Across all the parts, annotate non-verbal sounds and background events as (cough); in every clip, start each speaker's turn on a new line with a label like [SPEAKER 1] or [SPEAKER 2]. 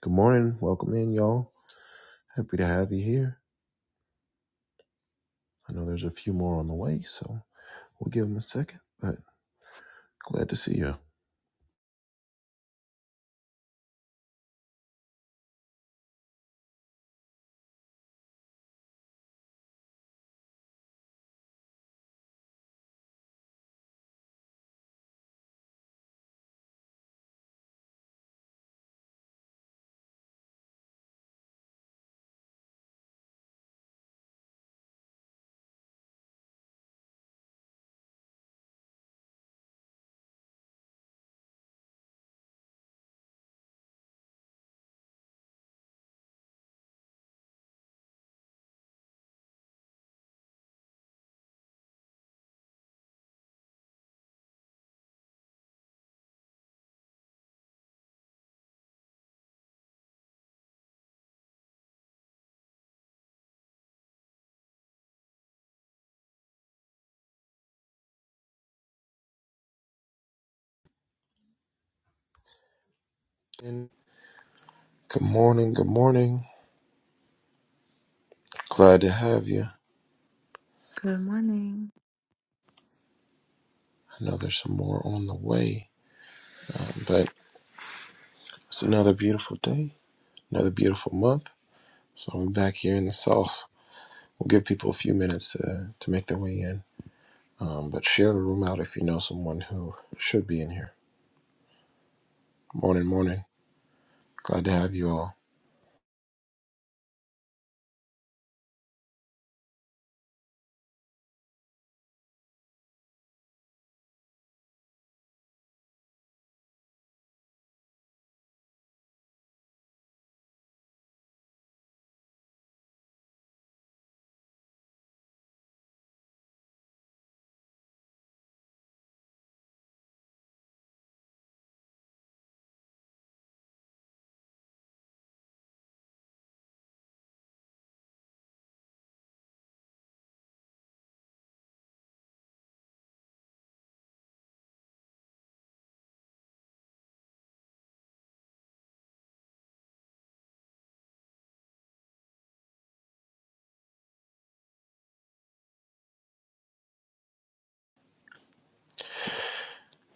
[SPEAKER 1] Good morning. Welcome in, y'all. Happy to have you here. I know there's a few more on the way, so we'll give them a second, but glad to see you. And good morning. Good morning. Glad to have you. I
[SPEAKER 2] Good morning.
[SPEAKER 1] know there's some more on the way, but it's another beautiful day, another beautiful month. So we're back here in the South. We'll give people a few minutes to, to make their way in, um, but share the room out if you know someone who should be in here. Morning, morning. Glad to have you all.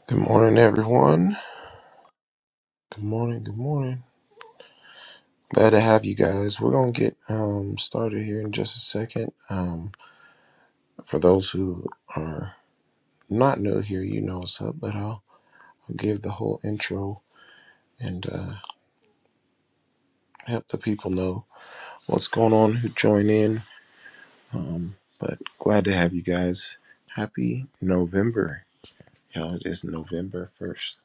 [SPEAKER 1] Good morning, everyone. Good morning. Good morning. Glad to have you guys. We're gonna get um, started here in just a second. Um, for those who are not new here, you know what's up, but I'll, I'll give the whole intro and uh, help the people know what's going on who join in. But glad to have you guys. Happy November, y'all! It is November first.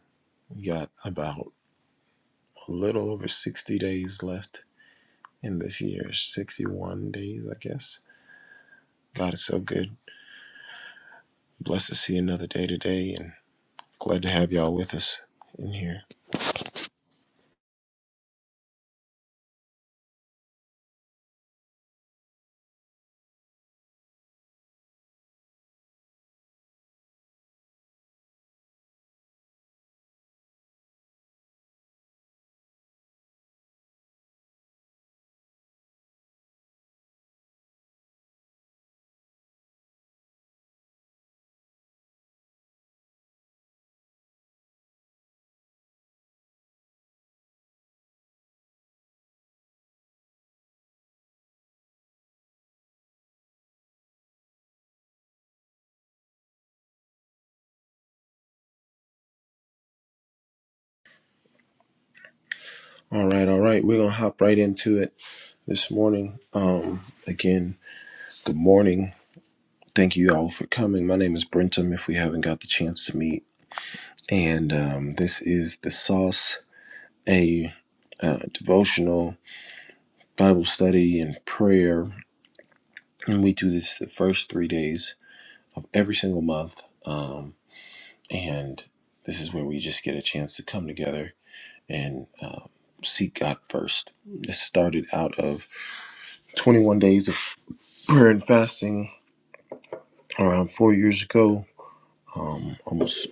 [SPEAKER 1] We got about a little over sixty days left in this year. Sixty-one days, I guess. God is so good. Blessed to see another day today, and Glad to have y'all with us in here. All right, all right. We're gonna hop right into it this morning. Um, again, good morning. Thank you all for coming. My name is Brentum. If we haven't got the chance to meet, and um, this is the Sauce, a uh, devotional Bible study and prayer, and we do this the first three days of every single month. Um, and this is where we just get a chance to come together and um, seek God first. This started out of 21 days of prayer and fasting around four years ago. Um, almost,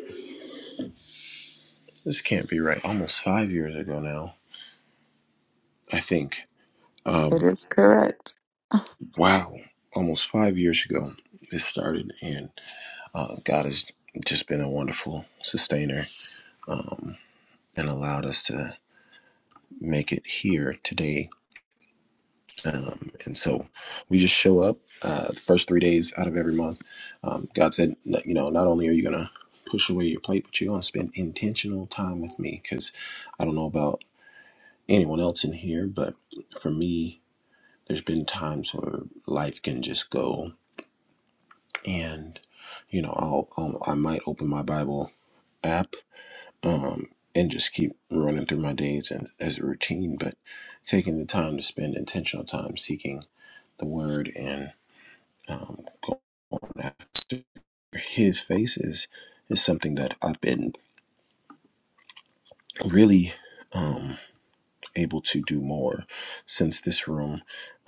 [SPEAKER 1] this can't be right, almost five years ago now, I think. Um, wow, almost five years ago, this started, and uh, God has just been a wonderful sustainer um, and allowed us to make it here today Um, and so we just show up uh, the first three days out of every month. Um, God said, that, you know, not only are you going to push away your plate, but you're going to spend intentional time with me. Because I don't know about anyone else in here, but for me, there's been times where life can just go, and you know, I'll, I'll I might open my Bible app um, and just keep running through my days and as a routine, but taking the time to spend intentional time seeking the Word and um, going after his face is, is something that I've been really um, able to do more since this room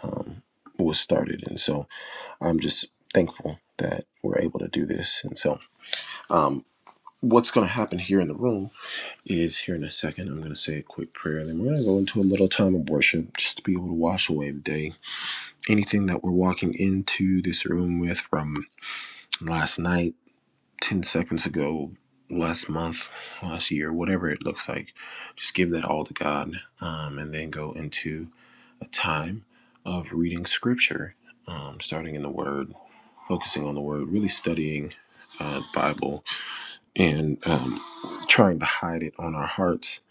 [SPEAKER 1] um, was started. And so I'm just thankful that we're able to do this. And so, um, what's going to happen here in the room is here in a second, I'm going to say a quick prayer. Then we're going to go into a little time of worship just to be able to wash away the day. Anything that we're walking into this room with from last night 10 seconds ago, last month, last year, whatever it looks like, just give that all to God um, and then go into a time of reading scripture, um, starting in the Word, focusing on the Word, really studying uh, the Bible and um, trying to hide it on our hearts.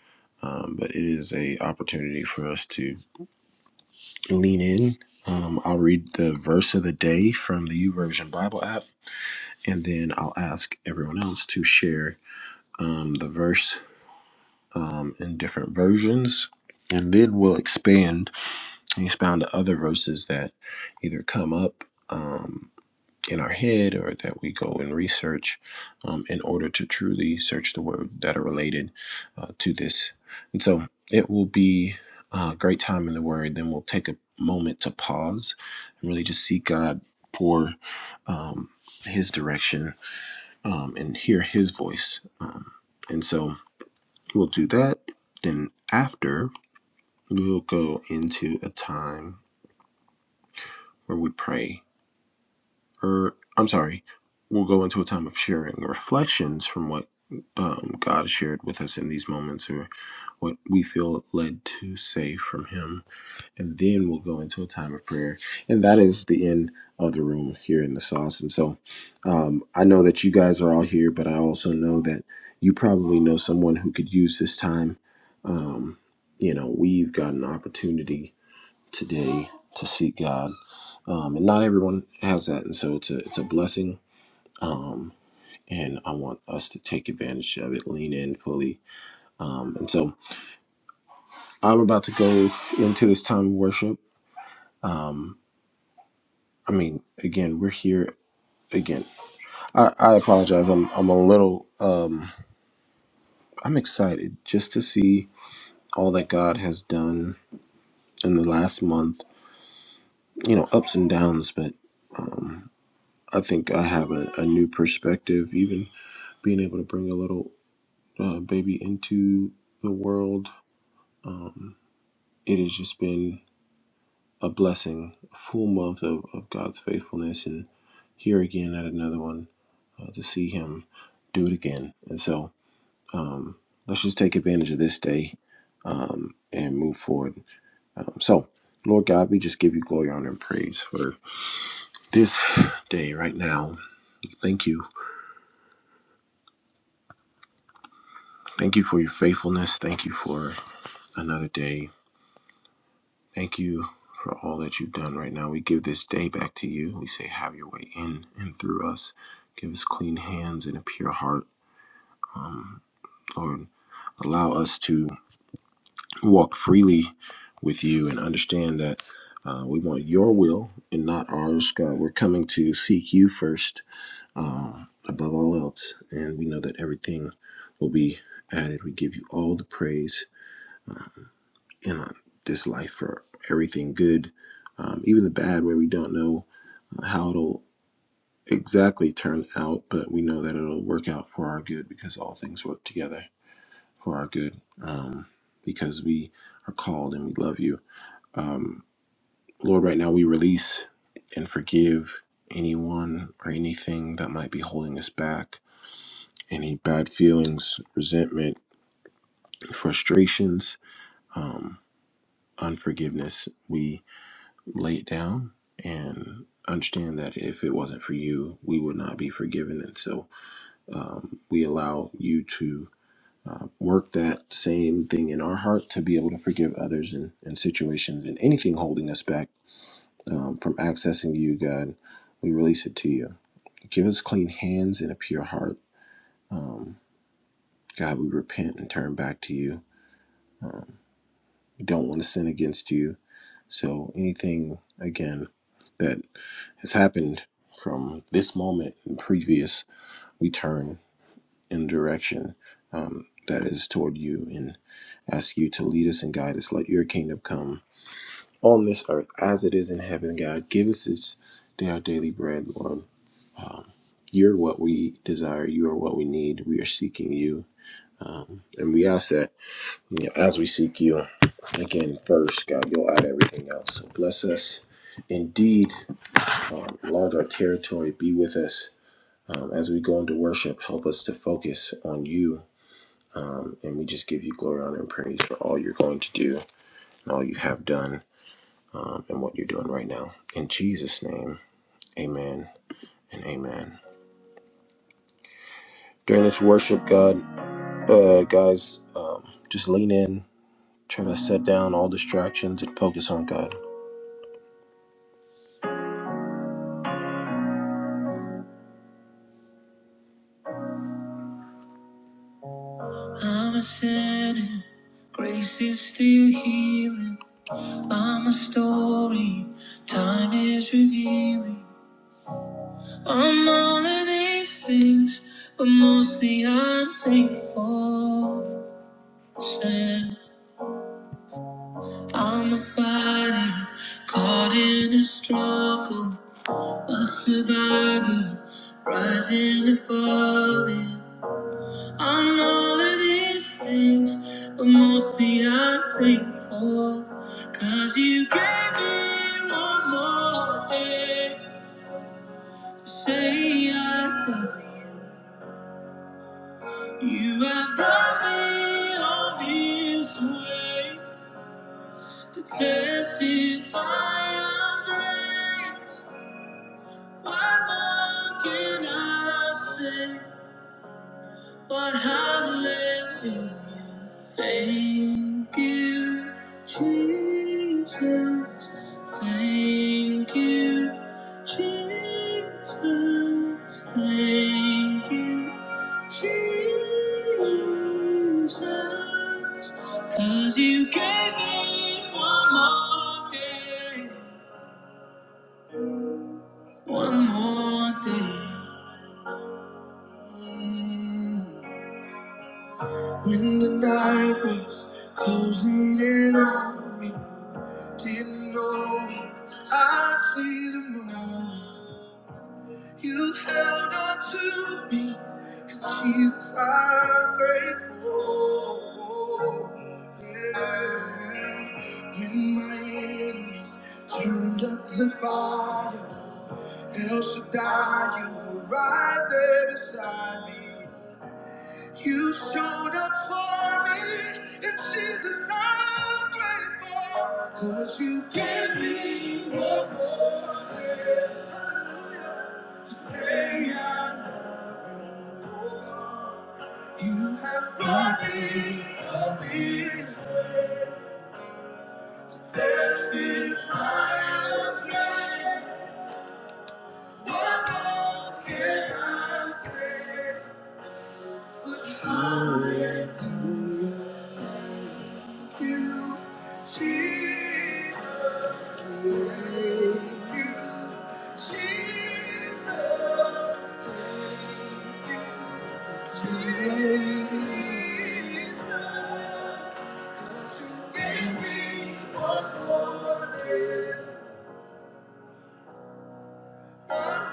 [SPEAKER 1] Um, but it is a opportunity for us to lean in. Um, I'll read the verse of the day from the YouVersion Bible app, and then I'll ask everyone else to share um, the verse um, in different versions, and then we'll expand and expound to other verses that either come up um, in our head or that we go and research um, in order to truly search the word that are related uh, to this. And so it will be a great time in the word. Then we'll take a moment to pause and really just seek God for um, his direction um, and hear his voice. Um, and so We'll do that. Then after, we'll go into a time where we pray, or I'm sorry, we'll go into a time of sharing reflections from what um, God shared with us in these moments, or what we feel led to say from Him and then we'll go into a time of prayer. And that is the end of the room here in the sauce. And so um, I know that you guys are all here, but I also know that you probably know someone who could use this time. Um, you know, we've got an opportunity today to seek God, um, and not everyone has that. And so it's a it's a blessing. Um, and I want us to take advantage of it, lean in fully. Um, and so I'm about to go into this time of worship. Um, I mean, again, we're here again. I, I apologize. I'm I'm a little um I'm excited just to see all that God has done in the last month. You know, ups and downs, but um I think I have a, a new perspective. Even being able to bring a little uh, baby into the world, um, it has just been a blessing. A full month of, of God's faithfulness, and here again at another one uh, to see Him do it again. And so um, let's just take advantage of this day um, and move forward. Um, so, Lord God, we just give you glory, honor, and praise for this day right now. Thank you. Thank you for your faithfulness. Thank you for another day. Thank you for all that you've done right now. We give this day back to you. We say, have your way in and through us. Give us clean hands and a pure heart. Um, Lord, allow us to. walk freely with you and understand that uh, we want your will and not ours, God. We're coming to seek you first um, above all else, and we know that everything will be added. We give you all the praise um, in uh, this life for everything good, um, even the bad, where we don't know uh, how it'll exactly turn out, but we know that it'll work out for our good because all things work together for our good um, because we are called and we love you um, Lord, right now we release and forgive anyone or anything that might be holding us back, any bad feelings, resentment, frustrations, um, unforgiveness. We lay it down and understand that if it wasn't for you, we would not be forgiven. And so um, we allow you to. Uh, work that same thing in our heart to be able to forgive others and, and situations and anything holding us back um, from accessing you, God. We release it to you. Give us clean hands and a pure heart. Um, God, we repent and turn back to you. Um, we don't want to sin against you. So anything, again, that has happened from this moment and previous, we turn in direction um, that is toward you and ask you to lead us and guide us. Let your kingdom come on this earth as it is in heaven, God. Give us this day our daily bread, Lord. Um, you're what we desire. You are what we need. We are seeking you. Um, and we ask that you know, as we seek you, again, first, God, you'll add everything else. So bless us indeed. Um, enlarge our territory. Be with us um, as we go into worship. Help us to focus on you. Um, and we just give you glory, honor, and praise for all you're going to do and all you have done um, and what you're doing right now. In Jesus' name, amen and amen. During this worship, God. Uh, guys, um, just lean in, try to set down all distractions and focus on God. I'm a sinner, grace is still healing. I'm a story, time is revealing. I'm all of these things, but mostly I'm thankful. Said, I'm a fighter, caught in a struggle, a survivor, rising above it. I'm all of these things, but mostly I'm thankful, 'cause you gave me one more day to say I love you. You have brought me all this way to testify of grace. What more can I say? But hallelujah, thank you, Jesus. Thank you, Jesus. Thank you, Jesus. Cause you gave me one more day, one more day. When the night was closing in on me, didn't know I'd see the morning. You held on to me, and Jesus, I'm grateful. Yeah. When my enemies turned up the fire, El Shaddai, you were right there beside me. You showed up for me, and Jesus, I'm grateful. Cause you gave me one more day. Hallelujah. To say I love you. You have brought me up here. Testify of grace. What more can I say? But hallelujah, Jesus. You gave me one more day, one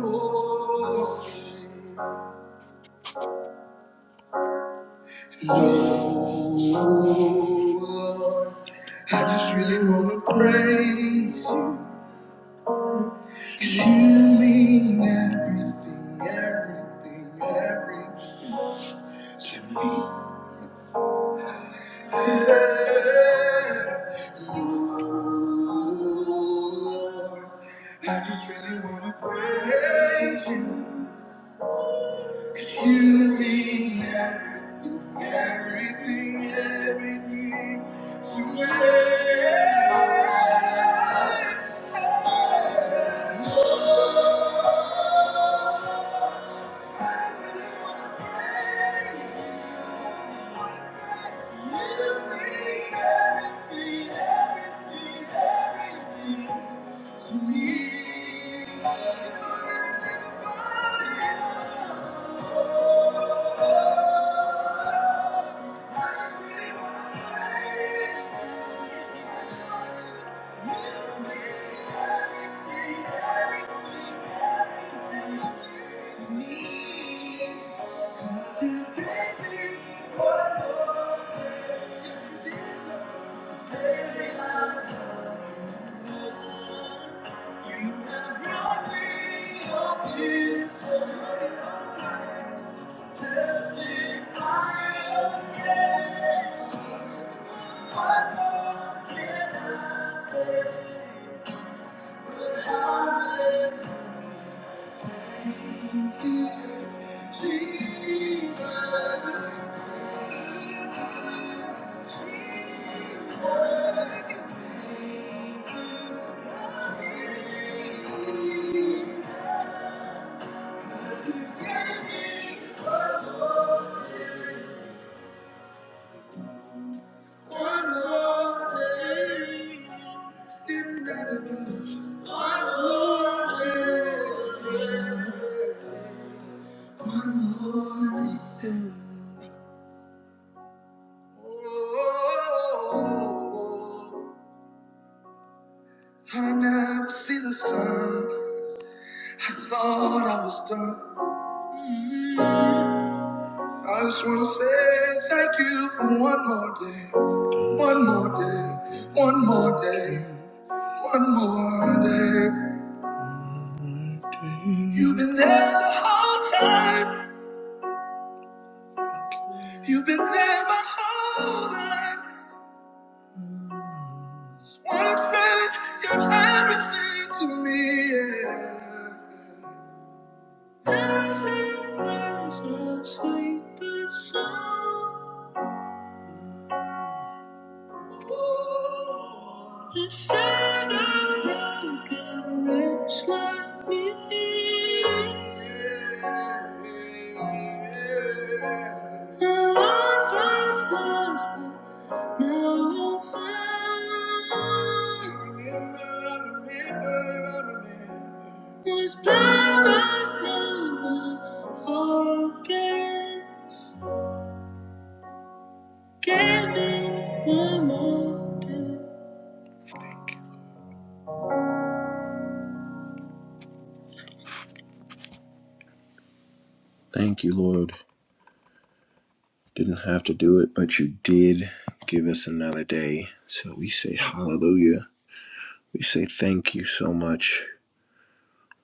[SPEAKER 1] more. day. Oh, Lord, I just really want to praise you. 'Cause you mean everything, everything, everything to me. Yeah. Oh, Lord, I just really want to praise you. If you mean everything, everything, everything to me, I still wanna praise you for the fact you mean everything, everything, everything to me. There's no anything, rid of it all. Testify again. One more day, it's not enough. One more day. Oh, had I never see the sun, I thought I was done. I just wanna say thank you for one more day, one more day, one more day, one more day. You've been there the whole time, you've been there my whole life. Just wanna say you're everything to me. Yeah. Nothing brings us sweet the sound. The shadow broken wretch like me. I lost my sense, Now I'm found. I Remember, I remember, I remember. Was blind but now my focus. Give me one more day. Thank you, Lord. Didn't have to do it, but you did give us another day. So we say hallelujah. We say thank you so much.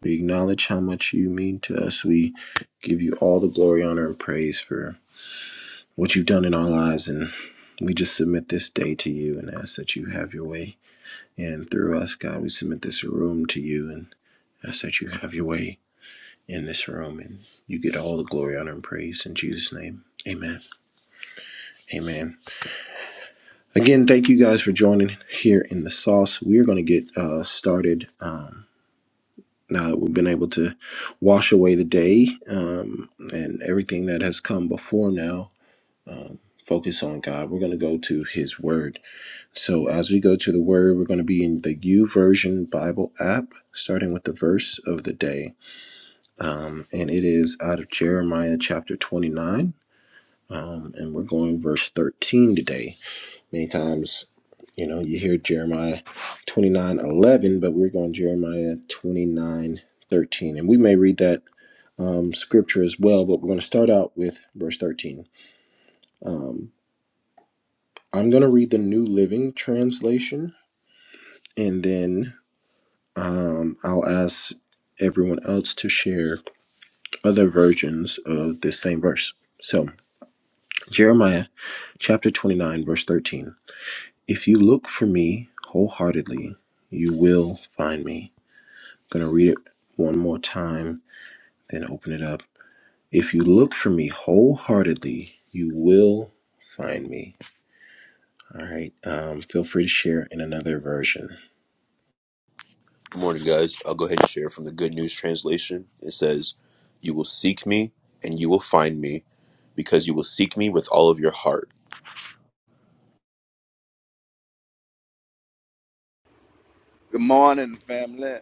[SPEAKER 1] We acknowledge how much you mean to us. We give you all the glory, honor, and praise for. what you've done in our lives. And we just submit this day to you and ask that you have your way. And through us, God, we submit this room to you and ask that you have your way in this room and you get all the glory, honor, and praise in Jesus' name. Amen. Amen. Again, thank you guys for joining here in the sauce. We're going to get uh, started um, now that we've been able to wash away the day um, and everything that has come before now. Focus on God. We're going to go to His Word So as we go to the word, we're going to be in the U Version Bible app, starting with the verse of the day, um, and it is out of Jeremiah chapter 29, um, and we're going verse 13 today. Many times, you know, you hear Jeremiah 29 11, but we're going Jeremiah 29 13, and we may read that um, scripture as well, but we're going to start out with verse 13. Um, I'm going to read the New Living Translation, and then Um, I'll ask everyone else to share other versions of this same verse. So, Jeremiah chapter 29, verse 13. If you look for me wholeheartedly, you will find me. I'm going to read it one more time, then open it up. If you look for me wholeheartedly, you will find me. All right. Um, feel free to share in another version.
[SPEAKER 3] Good morning, guys. I'll go ahead and share from the Good News Translation. It says, You will seek me and you will find me because you will seek me with all of your heart.
[SPEAKER 4] Good morning, family.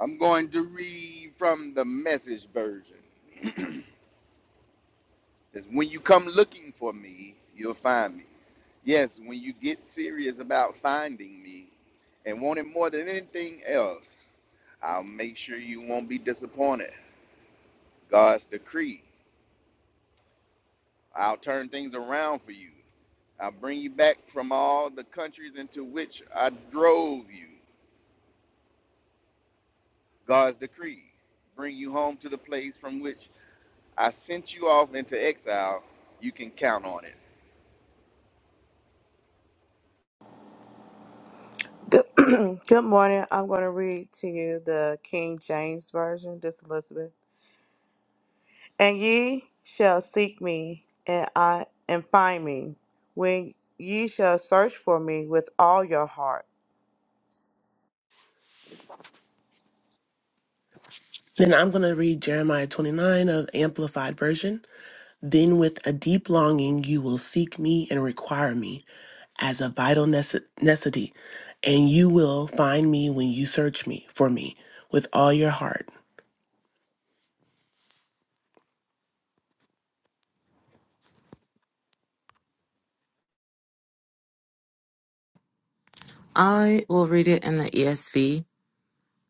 [SPEAKER 4] I'm going to read from the message version. (clears throat) It's when you come looking for me, you'll find me. Yes, when you get serious about finding me and want it more than anything else, I'll make sure you won't be disappointed. God's decree. I'll turn things around for you. I'll bring you back from all the countries into which I drove you. God's decree. Bring you home to the place from which I sent you off into exile. You can count on it.
[SPEAKER 5] Good, (clears throat) good morning. I'm going to read to you the King James Version, this is Elizabeth. And ye shall seek me, and I and find me, when ye shall search for me with all your heart.
[SPEAKER 6] Then I'm going to read Jeremiah 29 of Amplified Version. Then with a deep longing you will seek me and require me as a vital nece- necessity, and you will find me when you search me for me with all your heart.
[SPEAKER 2] I will read it in the ESV.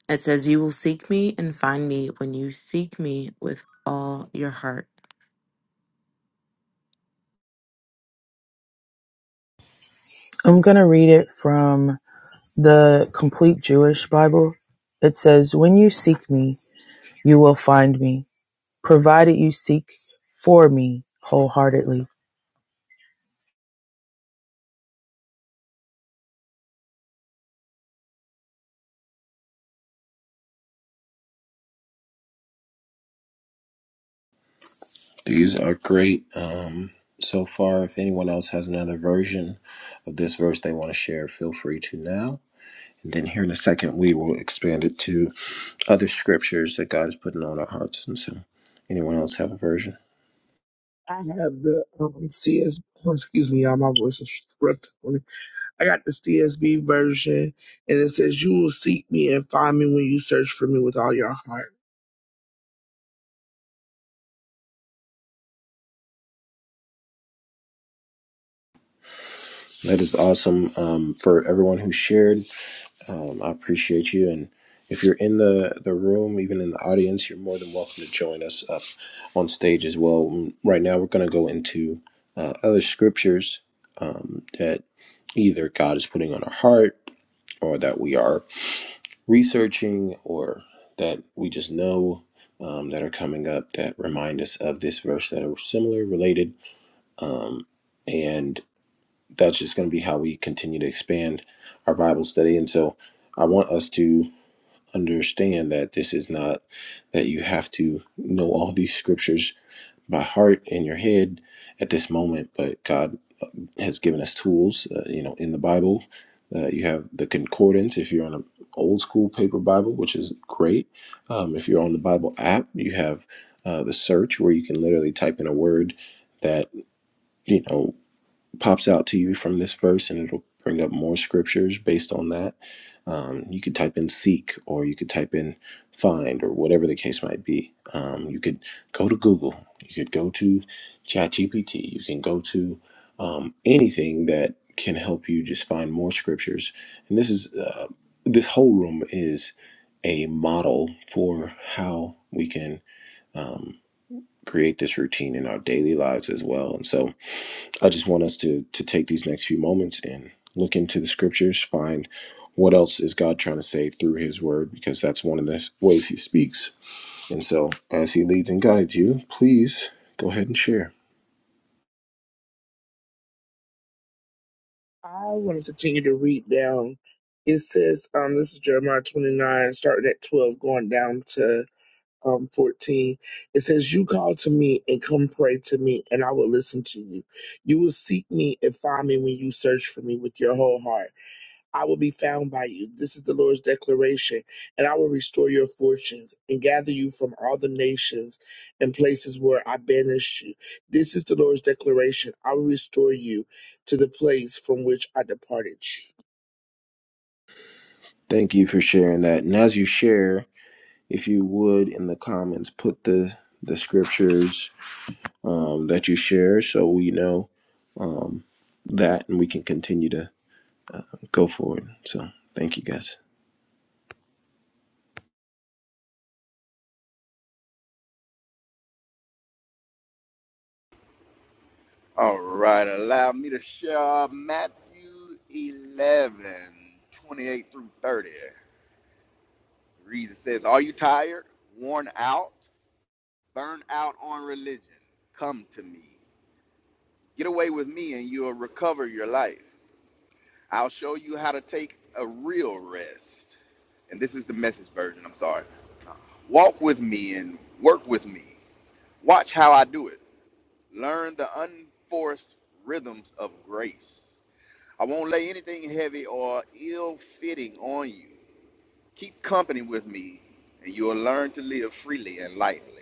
[SPEAKER 2] It says, You will seek me and find me when you seek me with all your heart.
[SPEAKER 7] I'm going to read it from the Complete Jewish Bible. It says, When you seek me, you will find me, provided you seek for me wholeheartedly.
[SPEAKER 1] These are great um, so far. If anyone else has another version of this verse they want to share, feel free to now. And then here in a second, we will expand it to other scriptures that God is putting on our hearts. And so, anyone else have a version?
[SPEAKER 8] I have the um, CS. oh, Excuse me, y'all. My voice is ripped. I got the CSB version, and it says, "You will seek me and find me when you search for me with all your heart."
[SPEAKER 1] That is awesome um, for everyone who shared. Um, I appreciate you. And if you're in the, the room, even in the audience, you're more than welcome to join us up on stage as well. Mm, Right now, we're going to go into uh, other scriptures um, that either God is putting on our heart or that we are researching or that we just know. Um, that are coming up that remind us of this verse that are similar, related, um, and that's just going to be how we continue to expand our Bible study. And so, I want us to understand that this is not that you have to know all these scriptures by heart in your head at this moment, but God uh, has given us tools, uh, you know, in the Bible. Uh, you have the concordance if you're on an old school paper Bible, which is great. Um, if you're on the Bible app, you have uh, the search where you can literally type in a word that you know pops out to you from this verse, and it'll bring up more scriptures based on that. Um, you could type in seek, or you could type in find, or whatever the case might be. Um, you could go to Google, you could go to ChatGPT, you can go to um, anything that can help you just find more scriptures. And this is uh, this whole room is a model for how we can um, create this routine in our daily lives as well. And so I just want us to to take these next few moments and look into the scriptures, find what else is God trying to say through His Word, because that's one of the ways He speaks. And so, as He leads and guides you, please go ahead and share.
[SPEAKER 8] I want to continue to read down. It says, "Um, this is Jeremiah 29, starting at 12, going down to um 14." It says, "You call to me and come pray to me, and I will listen to you. You will seek me and find me when you search for me with your whole heart." I will be found by you. This is the Lord's declaration. And I will restore your fortunes and gather you from all the nations and places where I banished you. This is the Lord's declaration. I will restore you to the place from which I departed you.
[SPEAKER 1] Thank you for sharing that. And as you share, if you would in the comments put the the scriptures um, that you share, so we know um, that, and we can continue to go forward. So, thank you guys.
[SPEAKER 4] All right, allow me to share uh, Matthew 11:28 through 30. Reads it says, Are you tired, worn out, burned out on religion? Come to me. Get away with me and you'll recover your life. I'll show you how to take a real rest. And this is the message version, I'm sorry. Walk with me and work with me. Watch how I do it. Learn the unforced rhythms of grace. I won't lay anything heavy or ill fitting on you. Keep company with me, and you'll learn to live freely and lightly.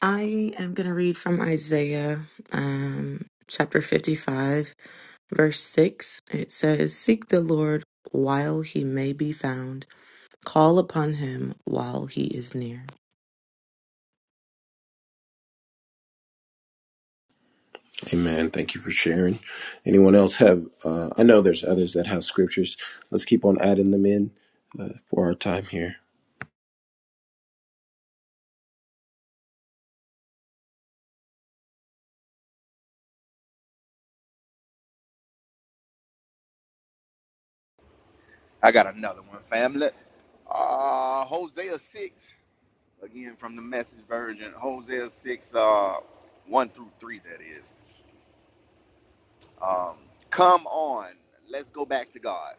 [SPEAKER 2] I am going to read from Isaiah um, chapter 55, verse 6. It says, Seek the Lord while he may be found, call upon him while he is near.
[SPEAKER 1] Amen. Thank you for sharing. Anyone else have? Uh, I know there's others that have scriptures. Let's keep on adding them in uh, for our time here.
[SPEAKER 4] I got another one, family. Uh, Hosea 6, again from the message version. Hosea 6, uh, 1 through 3, that is. Um, Come on, let's go back to God.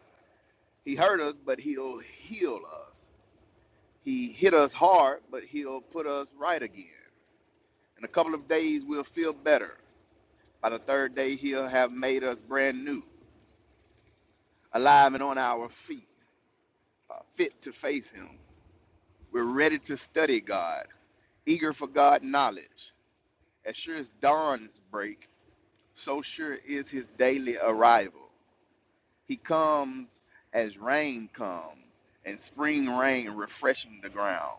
[SPEAKER 4] He hurt us, but He'll heal us. He hit us hard, but He'll put us right again. In a couple of days, we'll feel better. By the third day, he'll have made us brand new, alive and on our feet, uh, fit to face him. We're ready to study God, eager for God knowledge. As sure as dawn's break, so sure is his daily arrival. He comes as rain comes, and spring rain refreshing the ground.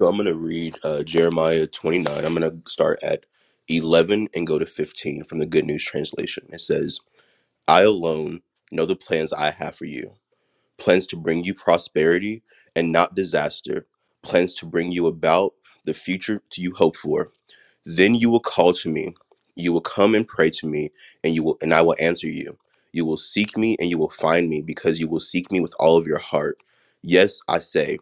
[SPEAKER 3] So I'm going to read uh, Jeremiah 29. I'm going to start at 11 and go to 15 from the Good News Translation. It says, I alone know the plans I have for you plans to bring you prosperity and not disaster, plans to bring you about the future you hope for Then you will call to me, you will come and pray to me, and you will and I will answer you. You will seek me and you will find me, because you will seek me with all of your heart. Yes, I say,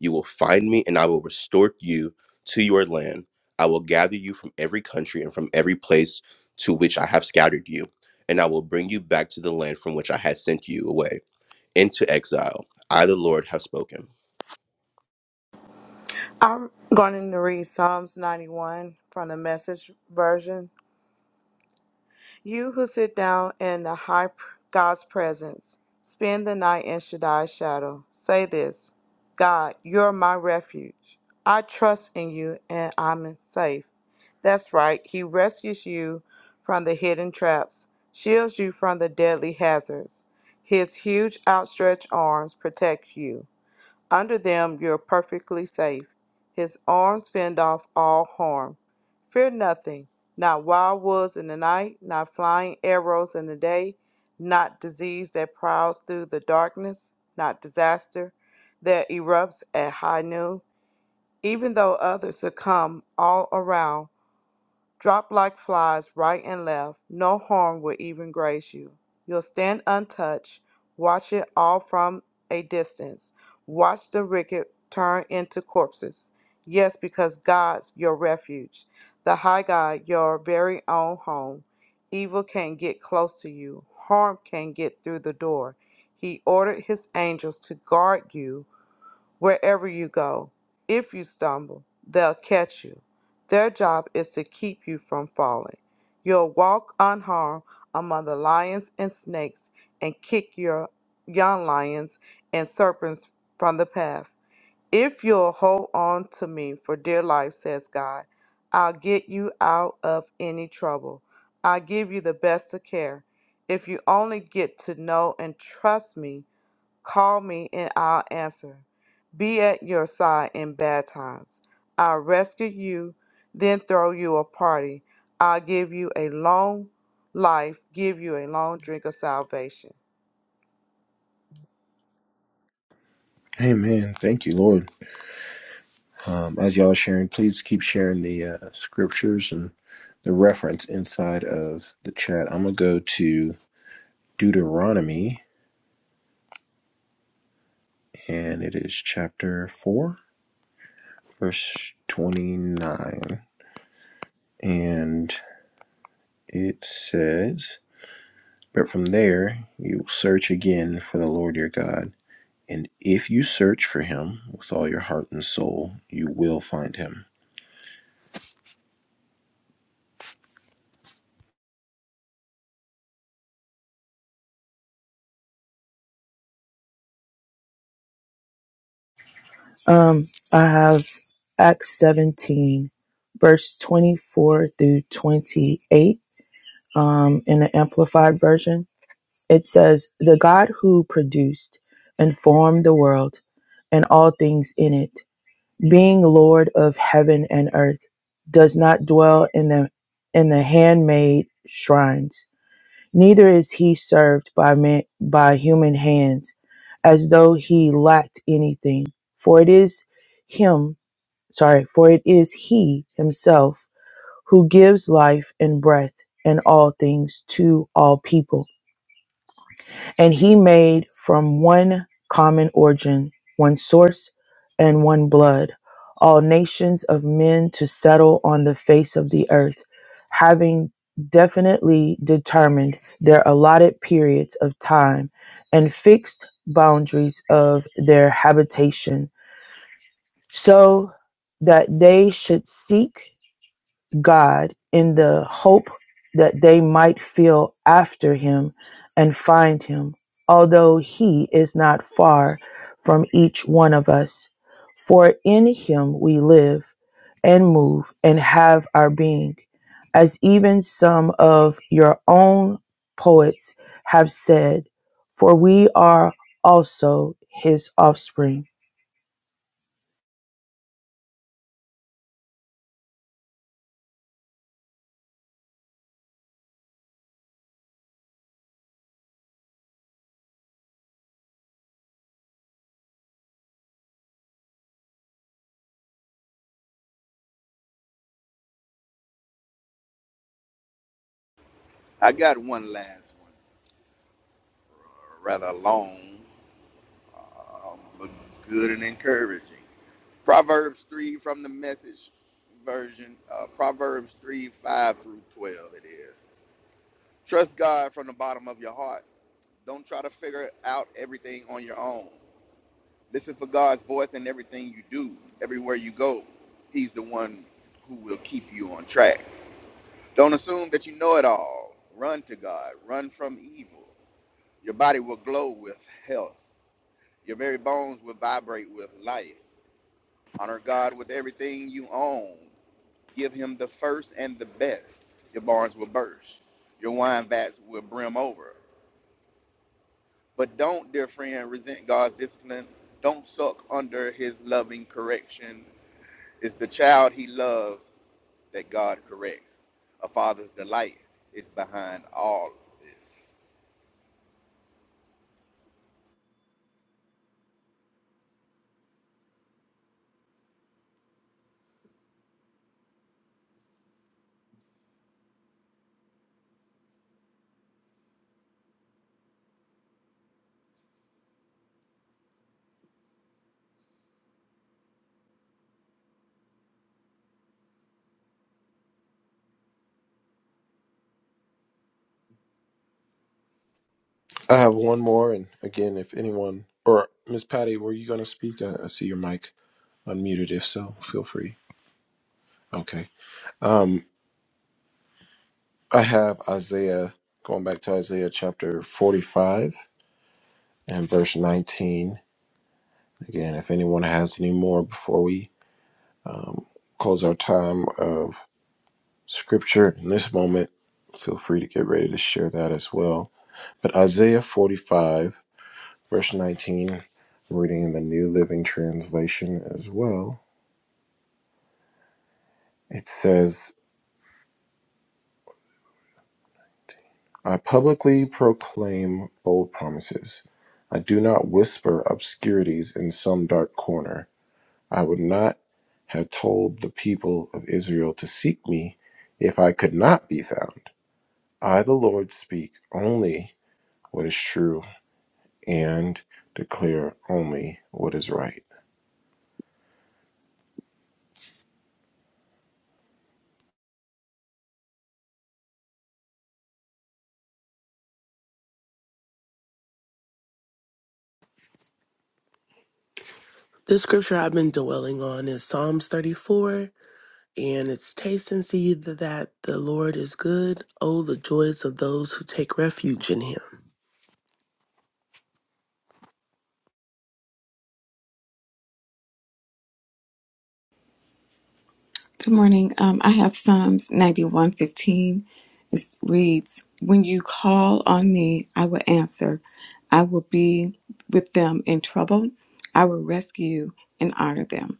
[SPEAKER 3] you will find me and I will restore you to your land. I will gather you from every country and from every place to which I have scattered you, and I will bring you back to the land from which I had sent you away into exile. I the Lord have spoken.
[SPEAKER 5] I'm going to read Psalms 91 from the Message Version. You who sit down in the high God's presence, spend the night in Shaddai's shadow. Say this God, you're my refuge. I trust in you and I'm safe. That's right, He rescues you from the hidden traps, shields you from the deadly hazards. His huge outstretched arms protect you. Under them you are perfectly safe. His arms fend off all harm. Fear nothing, not wild wolves in the night, not flying arrows in the day, not disease that prowls through the darkness, not disaster that erupts at high noon. Even though others succumb all around, Drop like flies right and left, no harm will even graze you. You'll stand untouched, watch it all from a distance. Watch the wicked turn into corpses. Yes, because God's your refuge, the high God, your very own home. Evil can't get close to you, harm can't get through the door. He ordered his angels to guard you wherever you go. If you stumble, they'll catch you. Their job is to keep you from falling. You'll walk unharmed among the lions and snakes and kick your young lions and serpents from the path. If you'll hold on to me for dear life, says God, I'll get you out of any trouble. I'll give you the best of care. If you only get to know and trust me Call me and I'll answer. Be at your side in bad times. I'll rescue you, then throw you a party. I'll give you a long life, give you a long drink of salvation.
[SPEAKER 1] Amen. Thank you, Lord. Um, as y'all are sharing, please keep sharing the uh, scriptures and the reference inside of the chat. I'm gonna go to Deuteronomy, and it is chapter four, verse twenty-nine, and it says, "But from there you will search again for the Lord your God." And if you search for him with all your heart and soul, you will find him.
[SPEAKER 7] Um, I have Acts 17, verse 24 through 28 um, in the Amplified Version. It says, The God who produced and formed the world and all things in it being Lord of heaven and earth, does not dwell in the in the handmade shrines. Neither is he served by man, by human hands, as though he lacked anything. For it is him, sorry, for it is he himself who gives life and breath and all things to all people and he made from one common origin, one source, and one blood, all nations of men to settle on the face of the earth, having definitely determined their allotted periods of time and fixed boundaries of their habitation, so that they should seek. God in the hope that they might feel after him and find him, although he is not far from each one of us. For in him we live and move and have our being, as even some of your own poets have said, for we are also his offspring.
[SPEAKER 4] I got one last one, uh, rather long, um, but good and encouraging. Proverbs 3 from the message version. Uh, Proverbs 3 5 through 12, it is. Trust God from the bottom of your heart. Don't try to figure out everything on your own. Listen for God's voice in everything you do, everywhere you go. He's the one who will keep you on track. Don't assume that you know it all. Run to God, run from evil. Your body will glow with health, your very bones will vibrate with life. Honor God with everything you own. Give him the first and the best. Your barns will burst. Your wine vats will brim over. But don't, dear friend, resent God's discipline. Don't suck under his loving correction. It's the child he loves that God corrects. A father's delight is behind all of this.
[SPEAKER 1] I have one more, and again, if anyone or Miss Patty, were you going to speak? I, I see your mic unmuted. If so, feel free. Okay. Um, I have Isaiah going back to Isaiah chapter forty-five and verse nineteen. Again, if anyone has any more before we um, close our time of scripture in this moment, feel free to get ready to share that as well. But Isaiah forty-five. Verse 19, I'm reading in the New Living Translation as well. It says, I publicly proclaim bold promises. I do not whisper obscurities in some dark corner. I would not have told the people of Israel to seek me if I could not be found. I, the Lord, speak only what is true and declare only what is right.
[SPEAKER 6] This scripture I've been dwelling on is Psalms 34, and it's taste and see that the Lord is good. Oh, the joys of those who take refuge in him.
[SPEAKER 9] Good morning. Um, I have Psalms 91:15. It reads, "When you call on me, I will answer. I will be with them in trouble. I will rescue and honor them."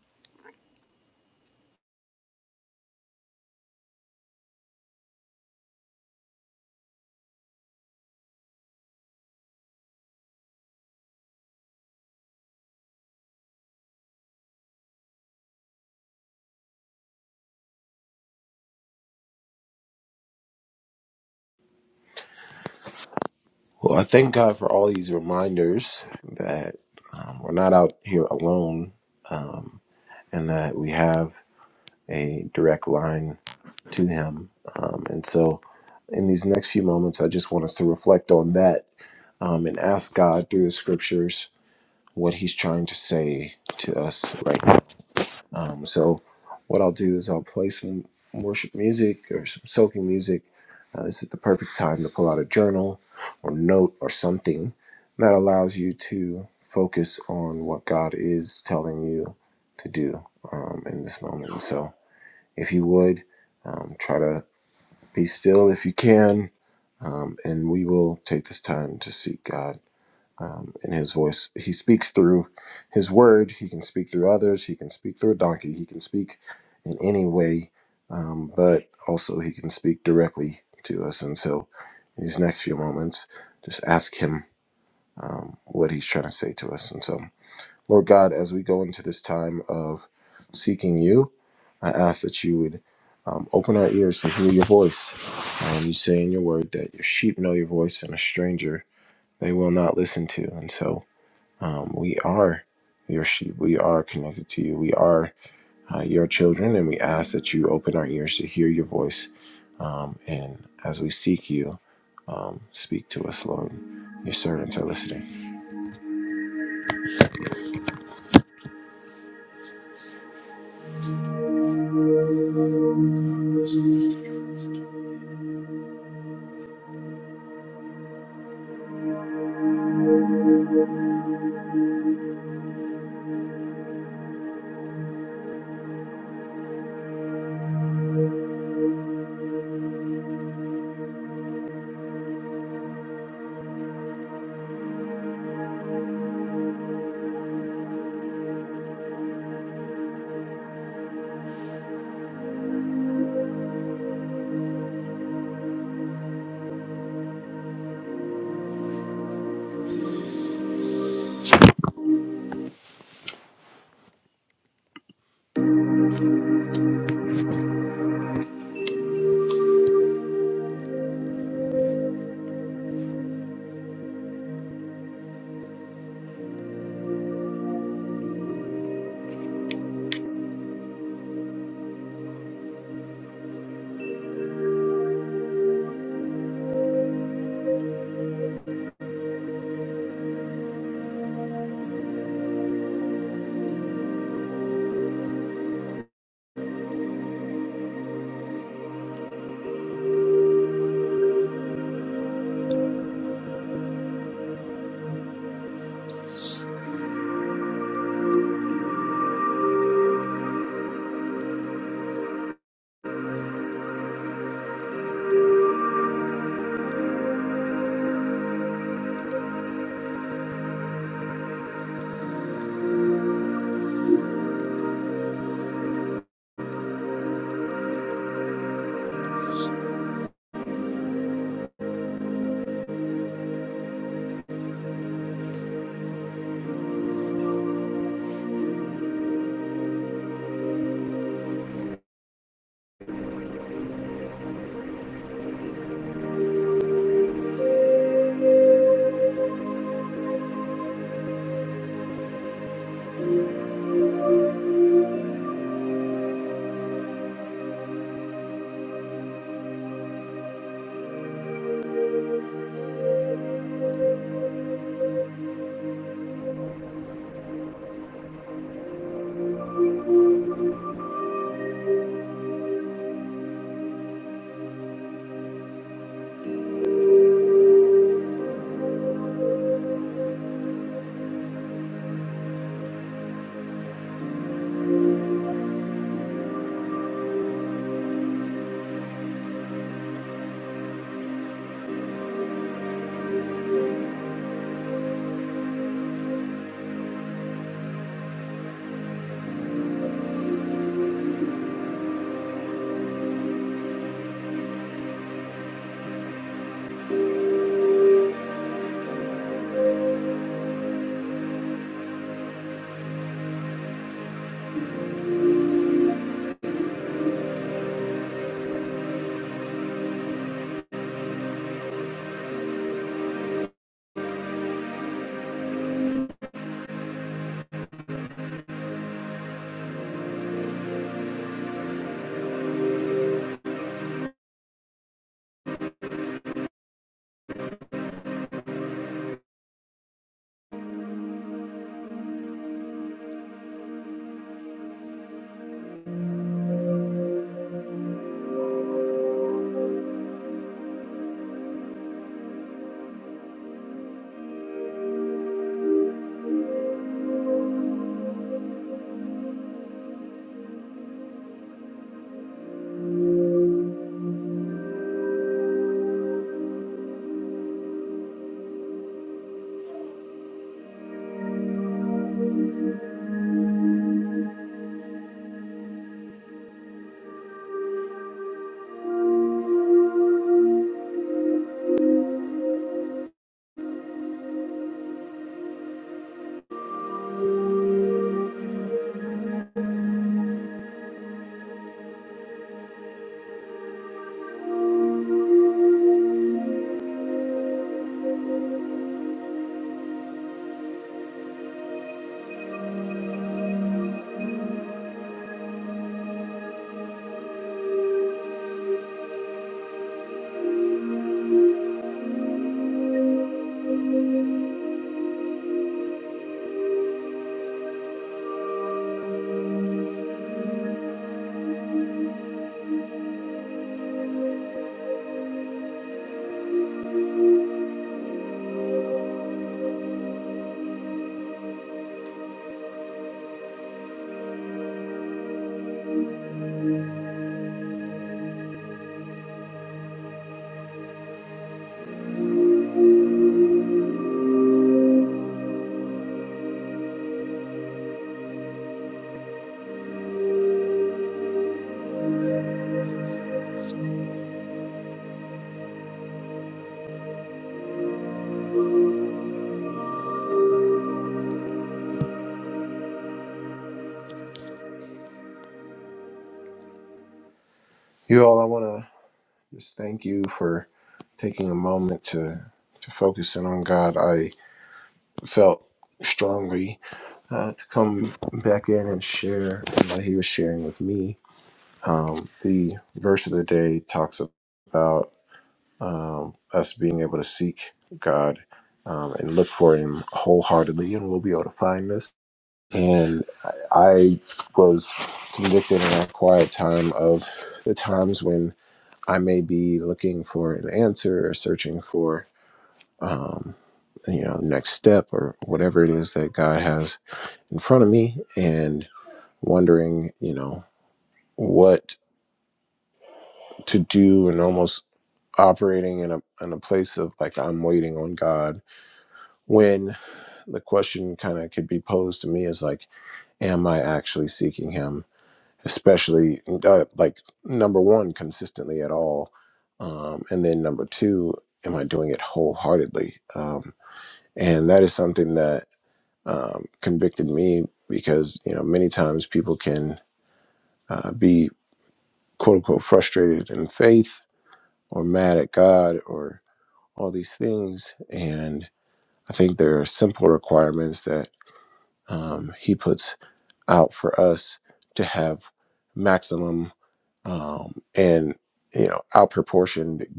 [SPEAKER 1] Well, I thank God for all these reminders that um, we're not out here alone um, and that we have a direct line to Him. Um, and so, in these next few moments, I just want us to reflect on that um, and ask God through the scriptures what He's trying to say to us right um, so what I'll do is I'll play some worship music or some soaking music. Uh, this is the perfect time to pull out a journal or note or something that allows you to focus on what God is telling you to do um, in this moment. so if you would, um, try to be still if you can, um, and we will take this time to seek God um, in his voice. He speaks through his word. He can speak through others. He can speak through a donkey. He can speak in any way, um, but also he can speak directly to us. And so, in these next few moments, just ask him um, what he's trying to say to us. And so, Lord God, as we go into this time of seeking you, I ask that you would. Um, open our ears to hear your voice. Um, you say in your word that your sheep know your voice and a stranger they will not listen to. And so, um, we are your sheep. We are connected to you. We are uh, your children, and we ask that you open our ears to hear your voice. Um, and as we seek you, um, speak to us, Lord. Your servants are listening. You all, I want to just thank you for taking a moment to to focus in on God. I felt strongly uh, to come back in and share what He was sharing with me. Um, the verse of the day talks about. um, us being able to seek God um, and look for Him wholeheartedly, and we'll be able to find this. And I I was convicted in that quiet time of the times when I may be looking for an answer or searching for, um, you know, next step or whatever it is that God has in front of me, and wondering, you know, what to do, and almost operating in a in a place of like I'm waiting on God the question kind of could be posed to me is like am i actually seeking him especially uh, like number one consistently at all um, and then number two am i doing it wholeheartedly um, and that is something that um, convicted me because you know many times people can uh, be quote unquote frustrated in faith or mad at god or all these things and i think there are simple requirements that um, he puts out for us to have maximum um, and you know outproportioned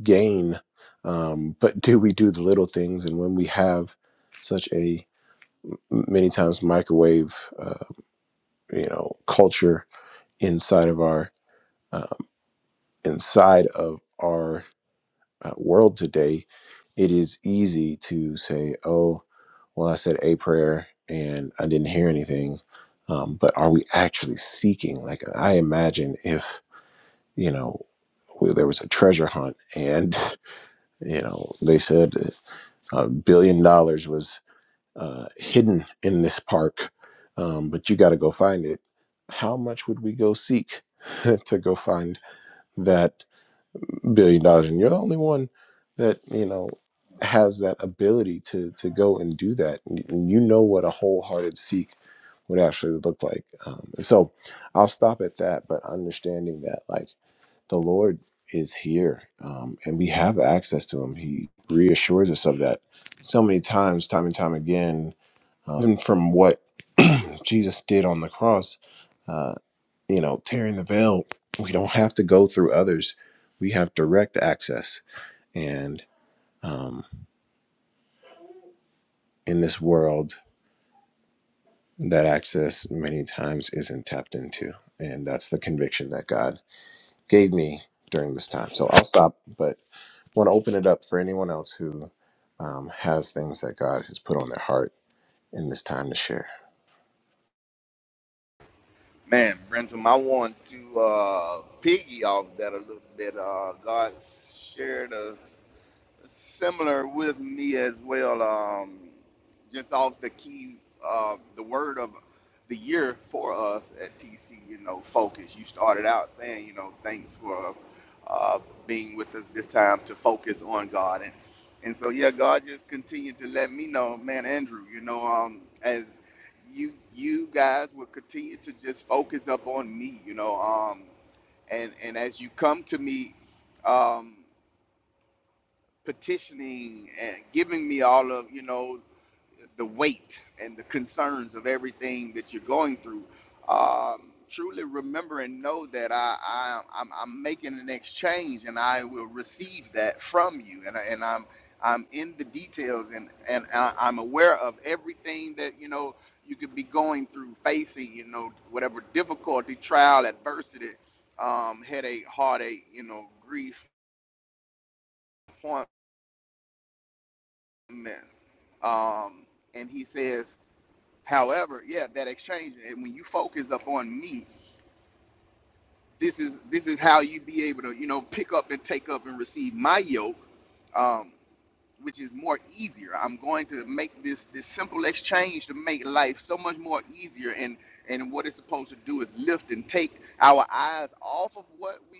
[SPEAKER 1] gain um, but do we do the little things and when we have such a many times microwave uh, you know culture inside of our um, inside of our uh, world today, it is easy to say, oh, well, I said a prayer and I didn't hear anything. Um, but are we actually seeking? Like, I imagine if, you know, well, there was a treasure hunt and, (laughs) you know, they said a billion dollars was uh, hidden in this park, um, but you got to go find it. How much would we go seek (laughs) to go find that? billion dollars and you're the only one that you know has that ability to to go and do that and and you know what a wholehearted seek would actually look like um, and so i'll stop at that but understanding that like the lord is here um, and we have access to him he reassures us of that so many times time and time again uh, even from what jesus did on the cross uh, you know tearing the veil we don't have to go through others we have direct access and um, in this world, that access many times isn't tapped into. And that's the conviction that God gave me during this time. So I'll stop, but want to open it up for anyone else who um, has things that God has put on their heart in this time to share.
[SPEAKER 4] Man, Brenton, I want to uh, piggy off that a little bit. Uh, God shared us. similar with me as well. Um, just off the key, uh, the word of the year for us at TC, you know, focus. You started out saying, you know, thanks for uh, being with us this time to focus on God, and and so yeah, God just continued to let me know, man, Andrew, you know, um, as you you guys will continue to just focus up on me, you know, um, and and as you come to me. Um, petitioning and giving me all of you know the weight and the concerns of everything that you're going through. Um, truly remember and know that I, I I'm, I'm making an exchange and I will receive that from you and I, and I'm I'm in the details and and I, I'm aware of everything that you know you could be going through facing you know whatever difficulty trial adversity um, headache heartache you know grief Amen. Um, and he says, however, yeah, that exchange, and when you focus up on me, this is this is how you be able to, you know, pick up and take up and receive my yoke, um, which is more easier. I'm going to make this this simple exchange to make life so much more easier. And and what it's supposed to do is lift and take our eyes off of what we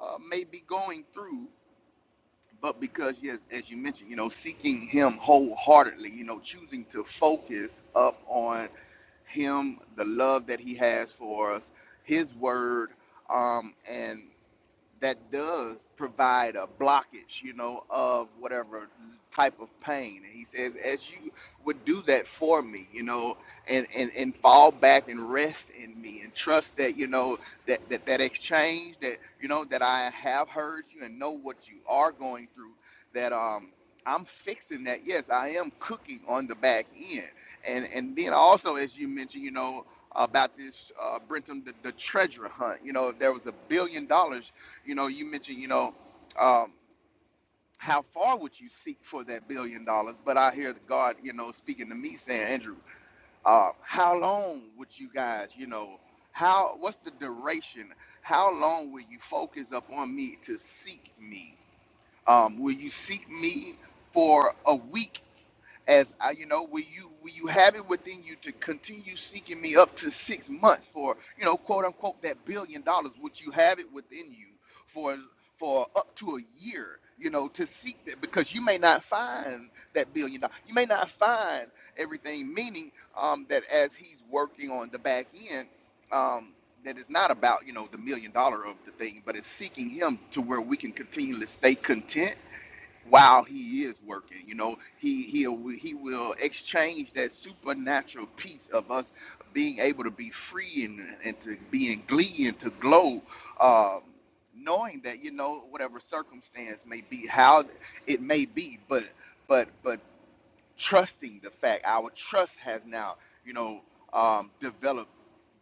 [SPEAKER 4] uh, may be going through But because, yes, as you mentioned, you know, seeking Him wholeheartedly, you know, choosing to focus up on Him, the love that He has for us, His Word, um, and that does provide a blockage, you know, of whatever type of pain. And he says, as you would do that for me, you know, and, and, and fall back and rest in me and trust that, you know, that, that, that exchange that, you know, that I have heard you and know what you are going through, that, um, I'm fixing that. Yes, I am cooking on the back end. And, and then also, as you mentioned, you know, about this uh, Brenton the, the treasure hunt. You know, if there was a billion dollars, you know, you mentioned, you know, um, how far would you seek for that billion dollars? But I hear God, you know, speaking to me saying, Andrew, uh, how long would you guys, you know, how, what's the duration? How long will you focus up on me to seek me? Um, will you seek me for a week? as I, you know, will you will you have it within you to continue seeking me up to six months for, you know, quote unquote that billion dollars? Would you have it within you for for up to a year, you know, to seek that because you may not find that billion dollars. You may not find everything, meaning um, that as he's working on the back end, um, that it's not about, you know, the million dollar of the thing, but it's seeking him to where we can continually stay content while he is working you know he he he will exchange that supernatural peace of us being able to be free and, and to be in glee and to glow um, knowing that you know whatever circumstance may be how it may be but but but trusting the fact our trust has now you know um, developed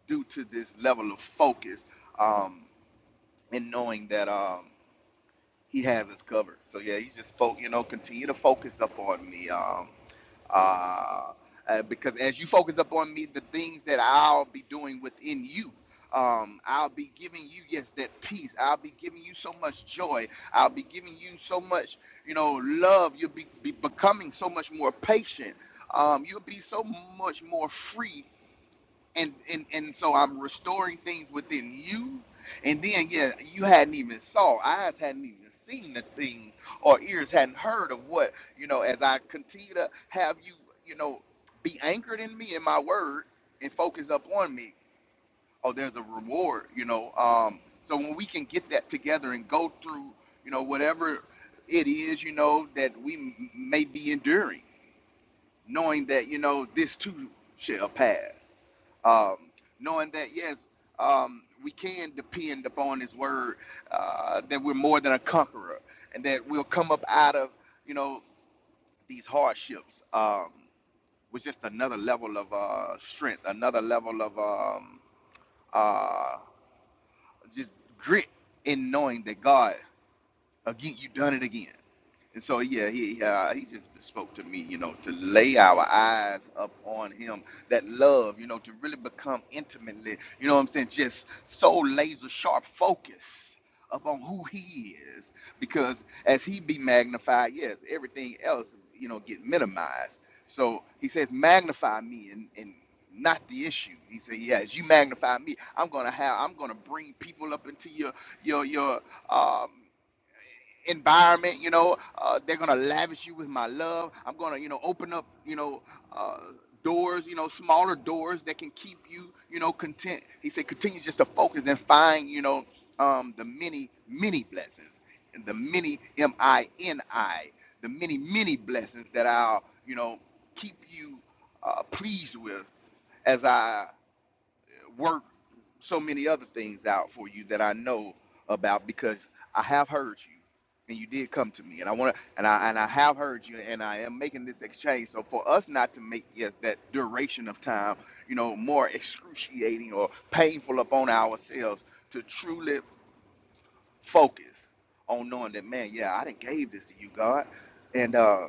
[SPEAKER 4] due to this level of focus um, and knowing that Um, he has us covered. So yeah, you just fo- you know continue to focus up on me. Um, uh, uh, because as you focus up on me, the things that I'll be doing within you. Um, I'll be giving you yes that peace. I'll be giving you so much joy. I'll be giving you so much you know love. You'll be, be becoming so much more patient. Um, you'll be so much more free and and and so I'm restoring things within you, and then yeah, you hadn't even saw, eyes hadn't even seen the things, or ears hadn't heard of what you know. As I continue to have you, you know, be anchored in me in my word, and focus up on me. Oh, there's a reward, you know. Um, so when we can get that together and go through, you know, whatever it is, you know, that we m- may be enduring knowing that you know this too shall pass um, knowing that yes um, we can depend upon his word uh, that we're more than a conqueror and that we'll come up out of you know these hardships um, was just another level of uh, strength another level of um, uh, just grit in knowing that god again you done it again And so, yeah, he uh, he just spoke to me, you know, to lay our eyes up on him, that love, you know, to really become intimately, you know what I'm saying, just so laser sharp focus upon who he is. Because as he be magnified, yes, everything else, you know, get minimized. So he says, magnify me and, and not the issue. He said, yeah, as you magnify me, I'm gonna have, I'm gonna bring people up into your, your, your, um, environment you know uh, they're gonna lavish you with my love i'm gonna you know open up you know uh, doors you know smaller doors that can keep you you know content he said continue just to focus and find you know um, the many many blessings and the many m-i-n-i the many many blessings that i'll you know keep you uh, pleased with as i work so many other things out for you that I know about because I have heard you and you did come to me and I want to and I and I have heard you and I am making this exchange so for us not to make yes that duration of time you know more excruciating or painful upon ourselves to truly focus on knowing that man yeah I didn't gave this to you God and uh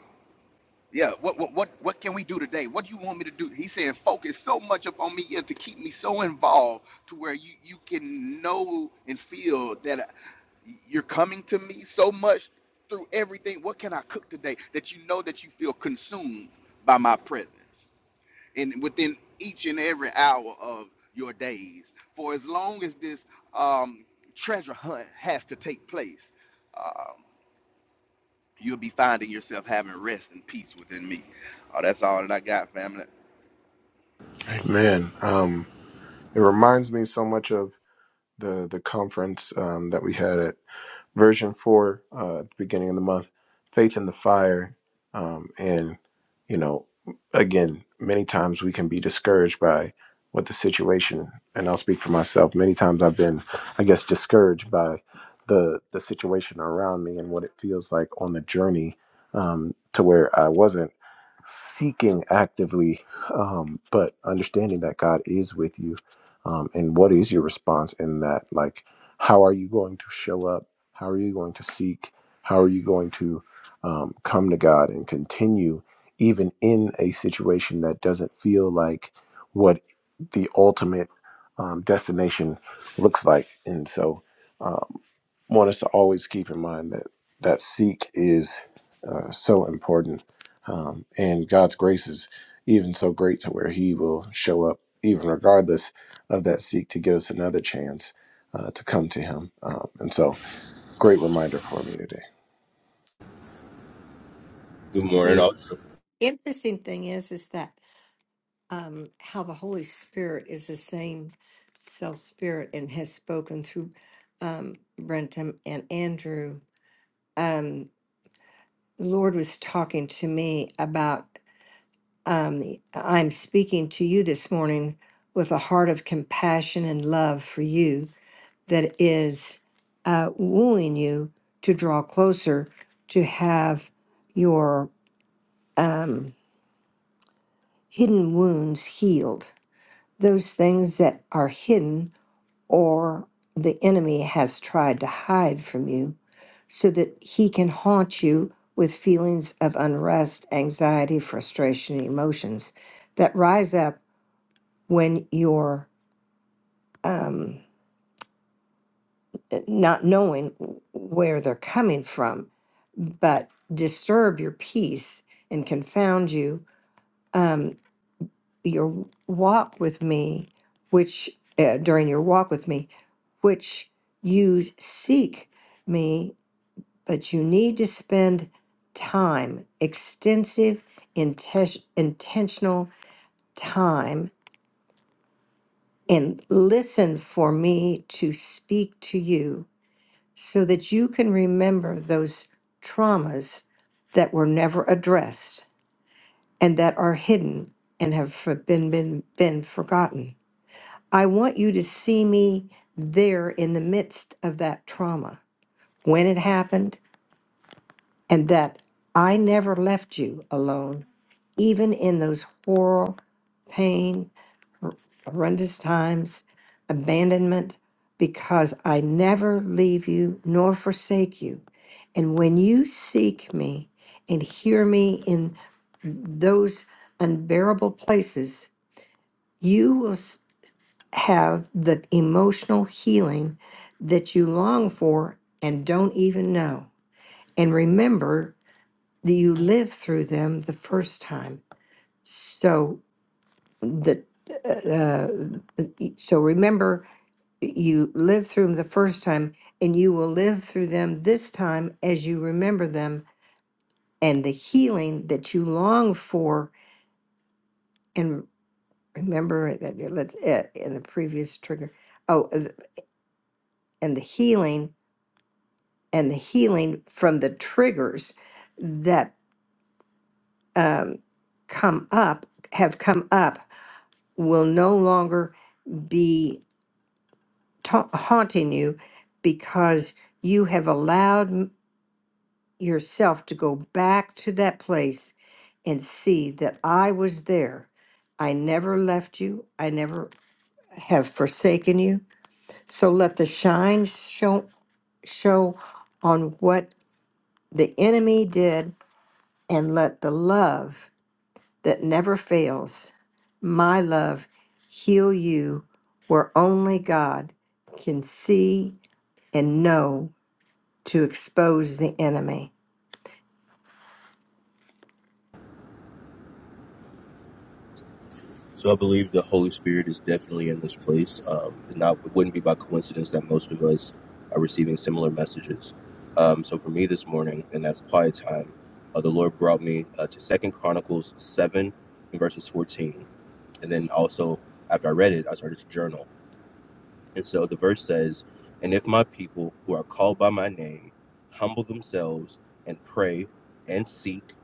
[SPEAKER 4] yeah, what what what what can we do today? What do you want me to do? He's saying focus so much upon me and to keep me so involved to where you you can know and feel that you're coming to me so much through everything. What can I cook today that you know that you feel consumed by my presence? And within each and every hour of your days, for as long as this um, treasure hunt has to take place, um, you'll be finding yourself having rest and peace within me. Oh, that's all that I got, family.
[SPEAKER 1] Amen. Um, it reminds me so much of the the conference um, that we had. at. version four uh, at the beginning of the month, Faith in the Fire. Um, and, you know, again, many times we can be discouraged by what the situation, and I'll speak for myself. Many times I've been, I guess, discouraged by the, the situation around me and what it feels like on the journey um, to where I wasn't seeking actively, um, but understanding that God is with you. Um, and what is your response in that? Like, how are you going to show up? How are you going to seek? How are you going to um, come to God and continue even in a situation that doesn't feel like what the ultimate um, destination looks like? And so, um, want us to always keep in mind that that seek is uh, so important, um, and God's grace is even so great to where He will show up even regardless of that seek to give us another chance uh, to come to Him. Um, and so. Great reminder for me today.
[SPEAKER 3] Good morning
[SPEAKER 10] The
[SPEAKER 3] all.
[SPEAKER 10] interesting thing is, is that um, how the Holy Spirit is the same self spirit and has spoken through um, Brentum and Andrew. Um, the Lord was talking to me about um, the- I'm speaking to you this morning with a heart of compassion and love for you that is uh, wooing you to draw closer to have your um, hidden wounds healed those things that are hidden or the enemy has tried to hide from you so that he can haunt you with feelings of unrest, anxiety, frustration, and emotions that rise up when you're um, not knowing where they're coming from, but disturb your peace and confound you. um, your walk with me, which uh, during your walk with me, which you seek me, but you need to spend time, extensive, intes- intentional time, and listen for me to speak to you so that you can remember those traumas that were never addressed and that are hidden and have for- been, been, been forgotten. I want you to see me there in the midst of that trauma when it happened, and that I never left you alone, even in those horror, pain, hor- horrendous times, abandonment, because I never leave you nor forsake you. And when you seek me and hear me in those unbearable places, you will. have the emotional healing that you long for and don't even know. And remember that you lived through them the first time. So the uh, uh, so remember you lived through them the first time, and you will live through them this time as you remember them and the healing that you long for. And remember that let's uh, in the previous trigger. Oh, and the healing and the healing from the triggers that um, come up, have come up, will no longer be ta- haunting you because you have allowed m- yourself to go back to that place and see that I was there. I never left you. I never have forsaken you. So let the shine show, show on what the enemy did and let the love that never fails. My love, heal you where only God can see and know to expose the enemy.
[SPEAKER 3] So I believe the Holy Spirit is definitely in this place. Um, it's not it wouldn't be by coincidence that most of us are receiving similar messages. Um, so for me this morning, and that's quiet time, uh, the Lord brought me uh, to Second Chronicles seven and verses fourteen, and then also after I read it, I started to journal. And so the verse says, "And if my people who are called by my name humble themselves and pray and seek."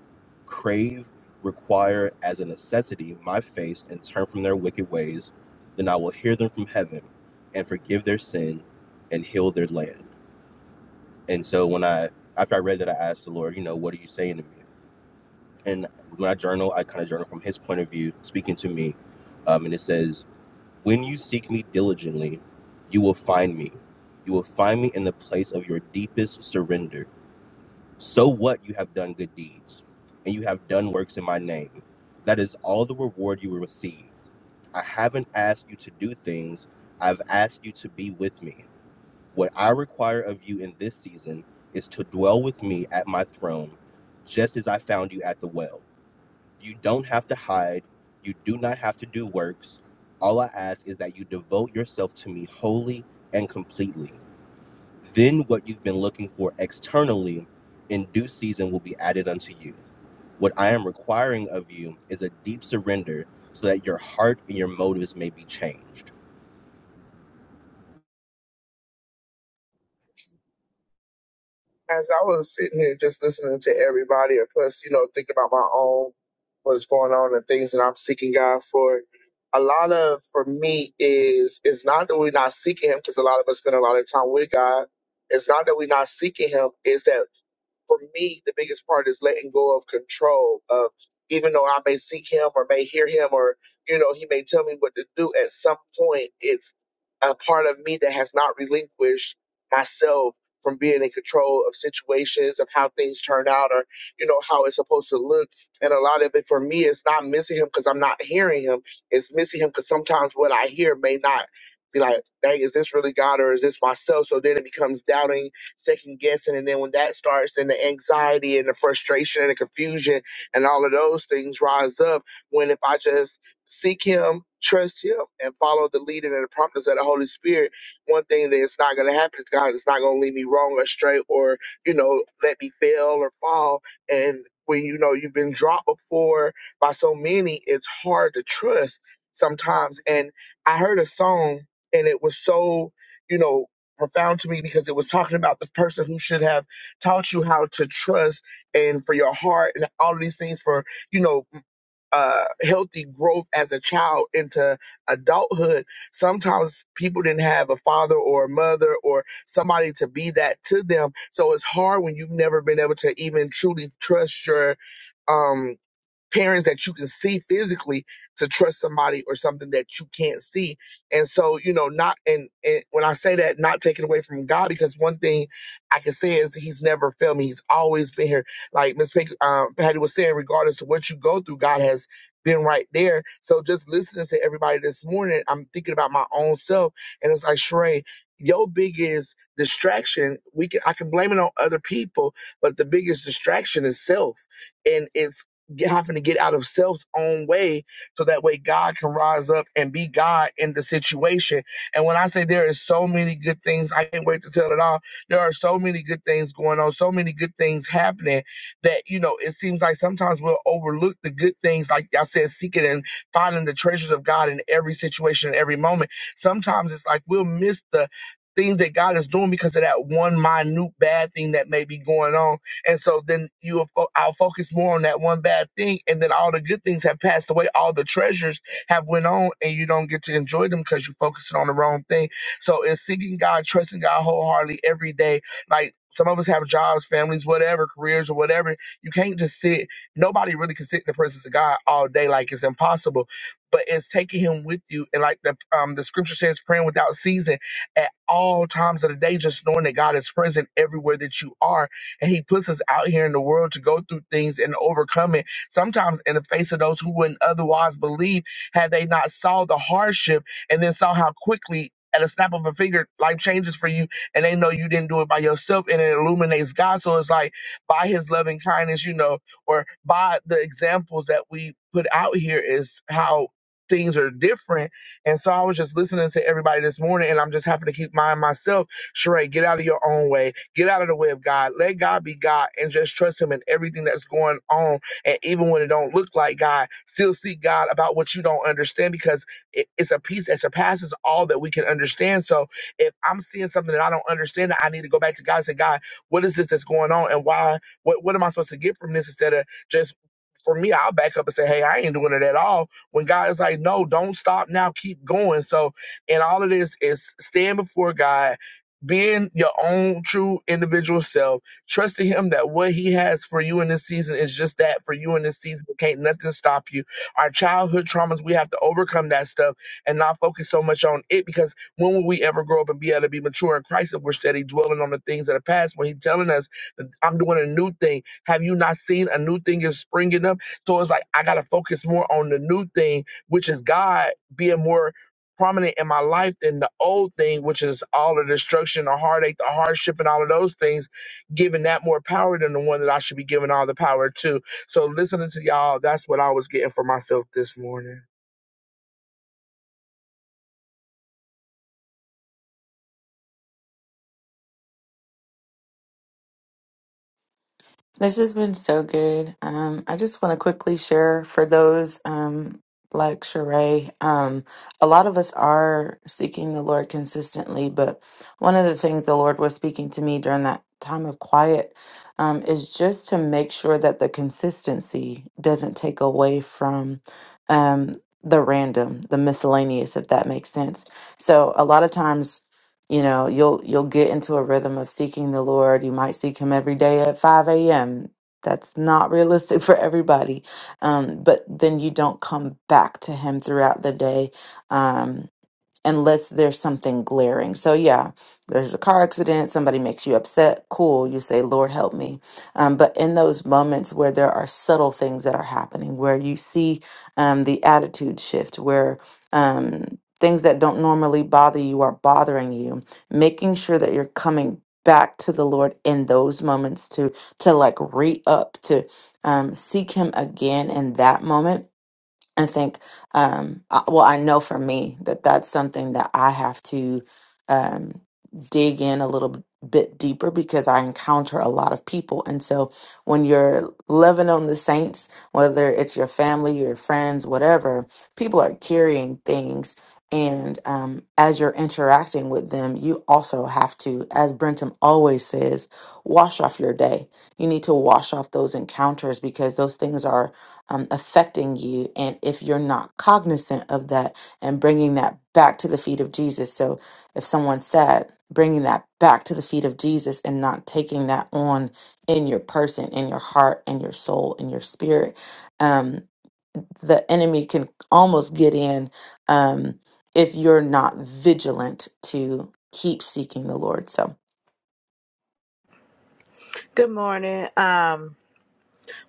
[SPEAKER 3] crave, require as a necessity my face and turn from their wicked ways, then I will hear them from heaven and forgive their sin and heal their land. And so when I after I read that I asked the Lord, you know, what are you saying to me? And when I journal, I kind of journal from his point of view, speaking to me. Um, and it says, When you seek me diligently, you will find me. You will find me in the place of your deepest surrender so what you have done good deeds, and you have done works in my name. That is all the reward you will receive. I haven't asked you to do things, I've asked you to be with me. What I require of you in this season is to dwell with me at my throne, just as I found you at the well. You don't have to hide, you do not have to do works. All I ask is that you devote yourself to me wholly and completely. Then what you've been looking for externally in due season will be added unto you. What I am requiring of you is a deep surrender so that your heart and your motives may be changed.
[SPEAKER 8] as I was sitting here just listening to everybody, and plus, you know, thinking about my own what's going on and things that I'm seeking God for. A lot of for me is it's not that we're not seeking Him because a lot of us spend a lot of time with God. It's not that we're not seeking Him. Is that for me the biggest part is letting go of control of even though I may seek Him or may hear Him or you know He may tell me what to do. At some point, it's a part of me that has not relinquished myself from being in control of situations of how things are, you know, how it's supposed to look. And a lot of it, me is not missing him because I'm in him. It's because I'm not be like, dang, God. that starts, then the anxiety and the frustration and the confusion and all of those things rise up. When if I just seek Him, trust Him, and follow the leading and the promptings of the Holy Spirit, one thing that is not going to happen is God is not going to lead me wrong or straight or, you know, let me fail or fall. And when you know you've been dropped before by so many, it's hard to trust sometimes. And I heard a song and it was so, you know, profound to me because it was talking about the person who should have taught you how to trust and for your heart and all of these things for you know uh healthy growth as a child into adulthood sometimes people didn't have a father or a mother or somebody to be that to them so it's hard when you've never been able to even truly trust your um parents that you can see physically to trust somebody or something that you can't see. And so, you know, not and, and when I say that, not taken away from God, because one thing I can say is He's never failed me. He's always been here. Like Miss Pink, uh, Patty was saying, regardless of what you go through, God has been right there. So just listening to everybody this morning, I'm thinking about my own self, and it's like Sheree. Your biggest distraction, we can I can blame it on other people, but the biggest distraction is self and it's get, having to get out of self's own way so that way God can rise up and be God in the situation. And when I say there is so many good things, I can't wait to tell it all. There are so many good things going on, so many good things happening that, you know, it seems like sometimes we'll overlook the good things. Like I said, seeking and finding the treasures of God in every situation, in every moment. Sometimes it's like we'll miss the things that God is doing because of that one minute bad thing that may be going on and so then you I'll focus more on that one bad thing, and then all the good things have passed away. All the treasures have went on, and you don't get to enjoy them because you're focusing on the wrong thing. So it's seeking God, trusting God wholeheartedly every day. Like some of us have jobs, families, whatever, careers or whatever. You can't just sit. Nobody really can sit in the presence of God all day. Like it's impossible. But it's taking Him with you, and like the um the scripture says, praying without season at all times of the day, just knowing that God is present everywhere that you are and he puts us out here in the world to go through things and overcome it sometimes in the face of those who wouldn't otherwise believe had they not saw the hardship and then saw how quickly at a snap of a finger life changes for you and they know you didn't do it by yourself and it illuminates god so it's like by his loving kindness you know or by the examples that we put out here is how things are different and so i was just listening to everybody this morning and i'm just having to keep mind myself Sheree, get out of your own way. Get out of the way of God. Let God be God and just trust him in everything that's going on. And even when it don't look like God, still seek God about what you don't understand because it, it's a peace that surpasses all that we can understand. So if I'm seeing something that I don't understand, I need to go back to God and say, God, what is this that's going on? And why, what, what am I supposed to get from this instead of just for me, I'll back up and say, Hey, I ain't doing it at all. When God is like, No, don't stop now, keep going. So, and all of this is stand before God being your own true individual self, trusting Him that what He has for you in this season is just that for you in this season. Can't nothing stop you. Our childhood traumas, we have to overcome that stuff and not focus so much on it because when will we ever grow up and be able to be mature in Christ if we're steady dwelling on the things of the past when He's telling us that I'm doing a new thing? Have you not seen a new thing is springing up? So it's like I got to focus more on the new thing, which is God being more prominent in my life than the old thing, which is all the destruction, the heartache, the hardship, and all of those things, giving that more power than the one that I should be giving all the power to. So listening to y'all, that's what I was getting for myself this morning.
[SPEAKER 2] This has been so good. Um, I just want to quickly share for those um, like Sheree, um, a lot of us are seeking the Lord consistently, but one of the things the Lord was speaking to me during that time of quiet um, is just to make sure that the consistency doesn't take away from um, the random, the miscellaneous, if that makes sense. So a lot of times, you know you'll you'll get into a rhythm of seeking the lord you might seek him every day at 5 a.m that's not realistic (laughs) for everybody um, but then you don't come back to him throughout the day Um, unless there's something glaring. So yeah, there's a car accident, somebody makes you upset, cool, you say, Lord help me. Um, but in those moments where there are subtle things that are happening, where you see um, the attitude shift, where um, things that don't normally bother you are bothering you, making sure that you're coming back to the Lord in those moments to to like re up to um, seek Him again in that moment I think, um, I- well, I know for me that that's something that I have to um, dig in a little b- bit deeper because I encounter a lot of people. And so when you're loving on the saints, whether it's your family, your friends, whatever, people are carrying things. And um, as you're interacting with them, you also have to, as Brentum always says, wash off your day. You need to wash off those encounters because those things are um, affecting you and if you're not cognizant of that and bringing that back to the feet of jesus so if someone's sad bringing that back to the feet of jesus and not taking that on in your person in your heart in your soul in your spirit um, the enemy can almost get in um, if you're not vigilant to keep seeking the lord so
[SPEAKER 5] Good morning. Um,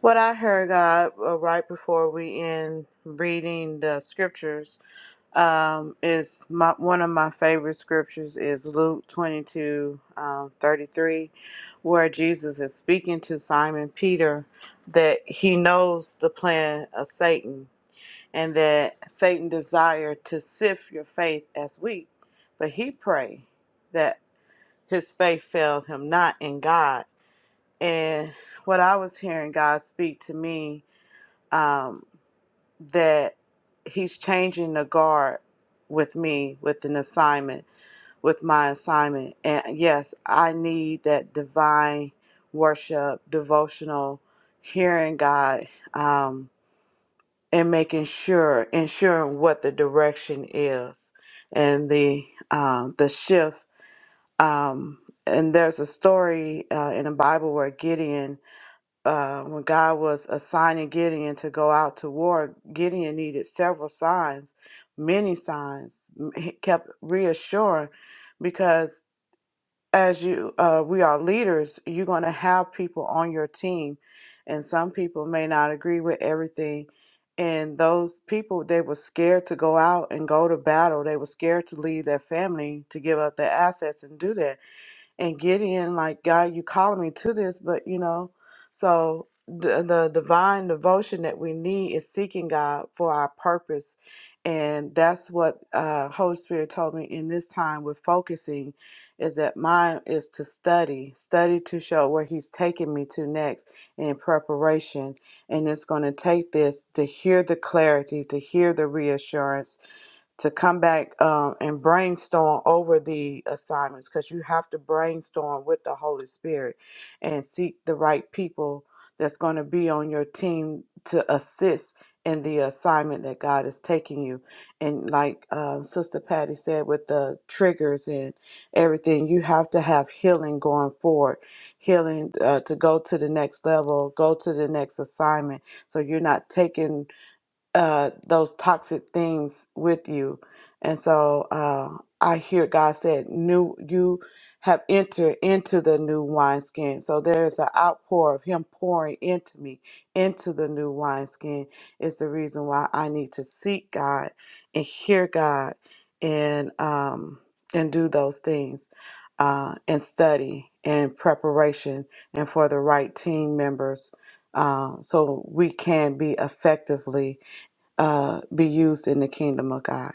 [SPEAKER 5] what I heard God uh, right before we end reading the scriptures Um, it's my one of my favorite scriptures is Luke 22, um, 33, where Jesus is speaking to Simon Peter that he knows the plan of Satan and that Satan desired to sift your faith as wheat, but he prayed that his faith failed him not in God. And what I was hearing God speak to me um, that he's changing the guard with me with an assignment with my assignment and yes i need that divine worship devotional hearing god um and making sure ensuring what the direction is and the um the shift um and there's a story uh, in the bible where gideon uh, when God was assigning Gideon to go out to war, Gideon needed several signs, many signs. He kept reassuring because as you, uh, we are leaders, you're going to have people on your team, and some people may not agree with everything. And those people, they were scared to go out and go to battle. They were scared to leave their family, to give up their assets and do that and get in like god you calling me to this but you know so the, the divine devotion that we need is seeking god for our purpose and that's what uh holy spirit told me in this time with focusing is that mine is to study study to show where he's taking me to next in preparation and it's going to take this to hear the clarity to hear the reassurance to come back um, and brainstorm over the assignments because you have to brainstorm with the Holy Spirit and seek the right people that's going to be on your team to assist in the assignment that God is taking you. And like um, Sister Patty said, with the triggers and everything, you have to have healing going forward, healing uh, to go to the next level, go to the next assignment. So you're not taking uh, those toxic things with you. And so uh, I hear God said, "New, you have entered into the new wineskin." So there's an outpour of Him pouring into me, into the new wineskin. Is the reason why I need to seek God and hear God and um, and do those things uh, and study and preparation and for the right team members, uh, so we can be effectively uh, be used in the kingdom of God.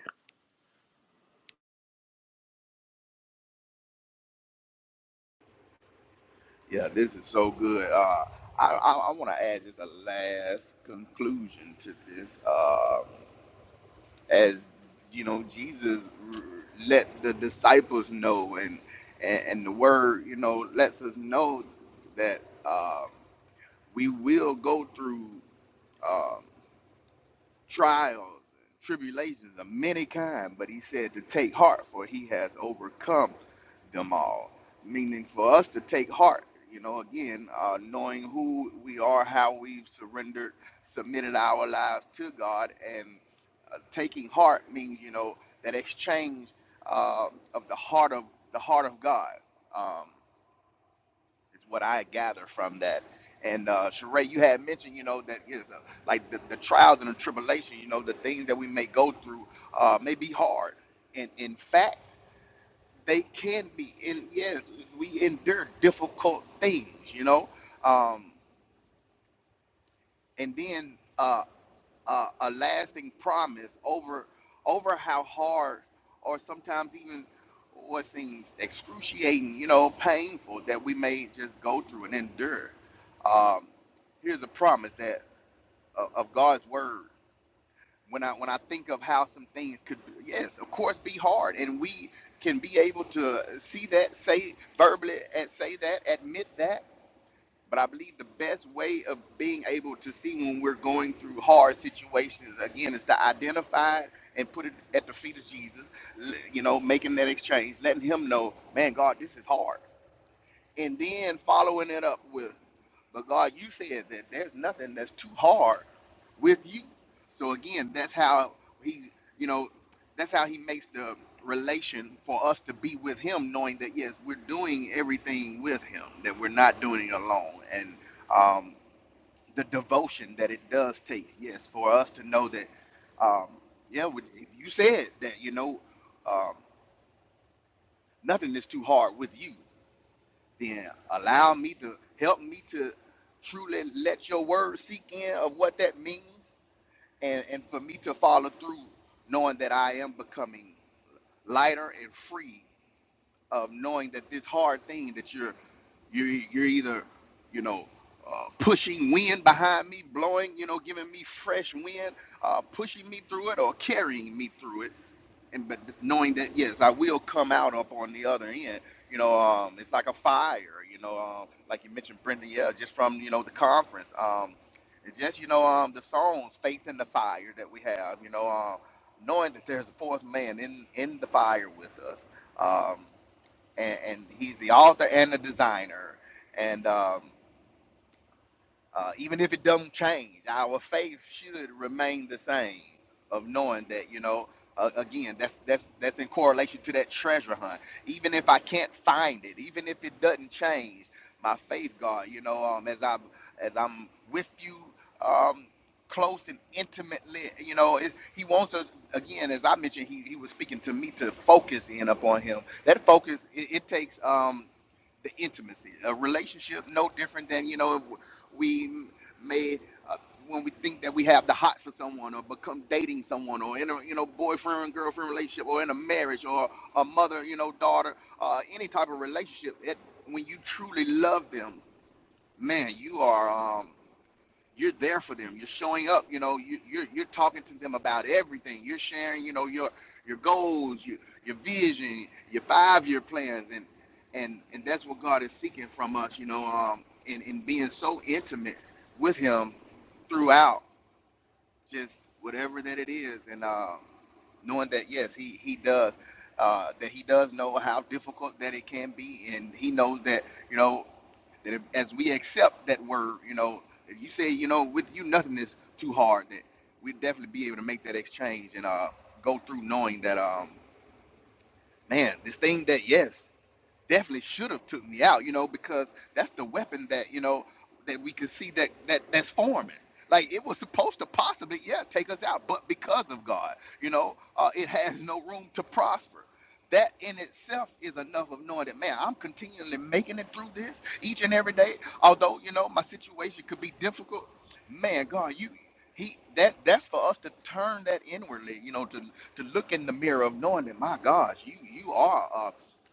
[SPEAKER 4] Yeah, this is so good. Uh, I, I, I want to add just a last conclusion to this. Uh, as you know, Jesus r- let the disciples know, and, and and the word, you know, lets us know that uh, we will go through. um, trials and tribulations of many kind, but he said to take heart, for he has overcome them all. Meaning for us to take heart, you know, again, uh, knowing who we are, how we've surrendered, submitted our lives to God, and uh, taking heart means, you know, that exchange uh, of the heart of the heart of God. Um, is what I gather from that. And uh, Sheree, you had mentioned, you know, that is uh, like the, the trials and the tribulation, you know, the things that we may go through uh, may be hard, and in fact, they can be. And yes, we endure difficult things, you know. Um, and then uh, uh, a lasting promise over over how hard or sometimes even what seems excruciating, you know, painful that we may just go through and endure. Um, here's a promise that of of God's word. When I when I think of how some things could, yes, of course, be hard, and we can be able to see that, say verbally, and say that, admit that but I believe the best way of being able to see when we're going through hard situations, again, is to identify it and put it at the feet of Jesus, l- you know, making that exchange, letting him know, man, God, this is hard and then following it up with, but God, you said that there's nothing that's too hard with you. So again, that's how he, you know, that's how he makes the relation for us to be with him, knowing that yes, we're doing everything with him, that we're not doing it alone, and um, the devotion that it does take, yes, for us to know that, um, yeah, we- if you said that, you know, um, nothing is too hard with you then allow me to help me to truly let your word sink in of what that means and, and for me to follow through knowing that I am becoming lighter and free of knowing that this hard thing that you're you're, you're either you know uh, pushing wind behind me blowing you know giving me fresh wind uh, pushing me through it or carrying me through it and but knowing that yes, I will come out up on the other end. You know, um, it's like a fire. You know, um, like you mentioned, Brenda, yeah, just from you know the conference. Um, and just you know, um, the songs, faith in the fire that we have. You know, um, knowing that there's a fourth man in in the fire with us, um, and, and he's the author and the designer, and um, uh, even if it does not change, our faith should remain the same of knowing that, you know, uh, again, that's that's that's in correlation to that treasure hunt. Even if I can't find it, even if it doesn't change, my faith, God, you know, um, as I as I'm with you, um, close and intimately, you know, it, He wants us again. As I mentioned, He He was speaking to me to focus in upon Him. That focus, it, it takes um the intimacy. A relationship no different than you know if we m- made uh, when we think that we have the hots for someone or become dating someone or in a you know boyfriend and girlfriend relationship or in a marriage or a mother you know daughter uh, any type of relationship. It, when you truly love them, man, you are. um, you're there for them. You're showing up. You know, you, you're you're talking to them about everything. You're sharing, you know, your your goals, your your vision, your five year plans, and and and that's what God is seeking from us. You know, um, in in being so intimate with Him throughout, just whatever that it is, and uh, knowing that yes, He He does. Uh, that he does know how difficult that it can be, and he knows that you know that if, as we accept that word, you know, if you say, you know, with you nothing is too hard, that we'd definitely be able to make that exchange and uh, go through knowing that, um, man, this thing that yes definitely should have took me out, you know, because that's the weapon that, you know, that we can see that, that that's forming. Like it was supposed to possibly, yeah, take us out, but because of God, you know, uh, it has no room to prosper. That in itself is enough of knowing that, man, I'm continually making it through this each and every day. Although, you know, my situation could be difficult. Man, God, you, he, that, that's for us to turn that inwardly, you know, to, to look in the mirror of knowing that, my gosh, you, you are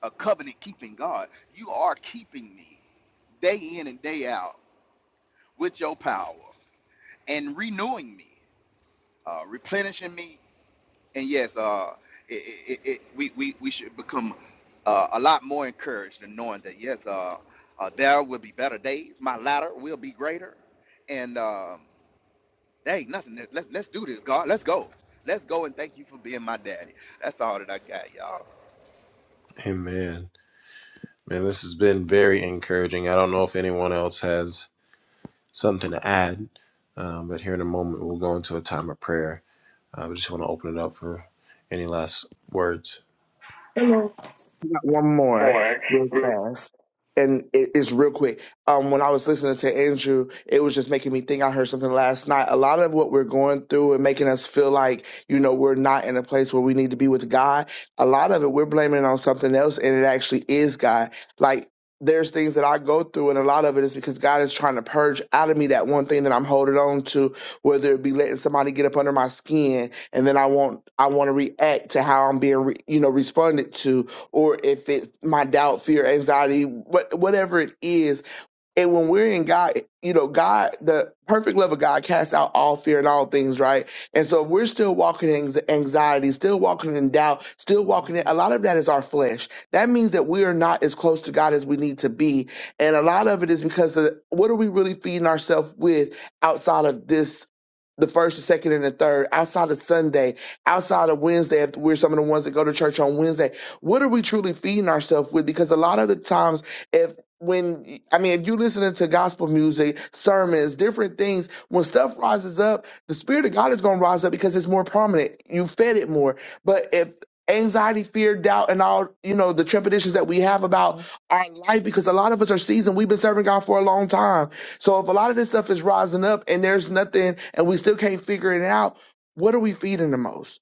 [SPEAKER 4] a covenant keeping God. You are keeping me day in and day out with your power and renewing me, uh, replenishing me. And yes, uh, it, it, it, we, we, we should become uh, a lot more encouraged in knowing that, yes, uh, uh, there will be better days. My latter will be greater. And um, there ain't nothing. Let's, let's do this, God. Let's go. Let's go and thank you for being my daddy. That's all that I got, y'all.
[SPEAKER 1] Amen. Man, this has been very encouraging. I don't know if anyone else has something to add, um, but here in a moment we'll go into a time of prayer. Uh, we just want to open it up for any last words.
[SPEAKER 11] Hello.
[SPEAKER 8] I got one more
[SPEAKER 11] More.
[SPEAKER 8] real fast. And it is real quick. Um, when I was listening to Andrew, it was just making me think I heard something last night. A lot of what we're going through and making us feel like, you know, we're not in a place where we need to be with God, a lot of it we're blaming on something else and it actually is God. Like there's things that I go through and a lot of it is because God is trying to purge out of me that one thing that I'm holding on to, whether it be letting somebody get up under my skin and then I want I want to react to how I'm being, re, you know, responded to or if it's my doubt, fear, anxiety, what, whatever it is and when we're in God, you know, God, the perfect love of God casts out all fear and all things, right? And so if we're still walking in anx- anxiety, still walking in doubt, still walking in, a lot of that is our flesh. That means that we are not as close to God as we need to be. And a lot of it is because of what are we really feeding ourselves with outside of this? The first, the second, and the third, outside of Sunday, outside of Wednesday, if we're some of the ones that go to church on Wednesday, what are we truly feeding ourselves with? Because a lot of the times, when I mean, if you listening to gospel music, sermons, different things, when stuff rises up, the spirit of God is going to rise up because it's more prominent. You fed it more. But if anxiety, fear, doubt, and all you know the trepidations that we have about our life, because a lot of us are seasoned, we've been serving God for a long time. So if a lot of this stuff is rising up and there's nothing, and we still can't figure it out, what are we feeding the most?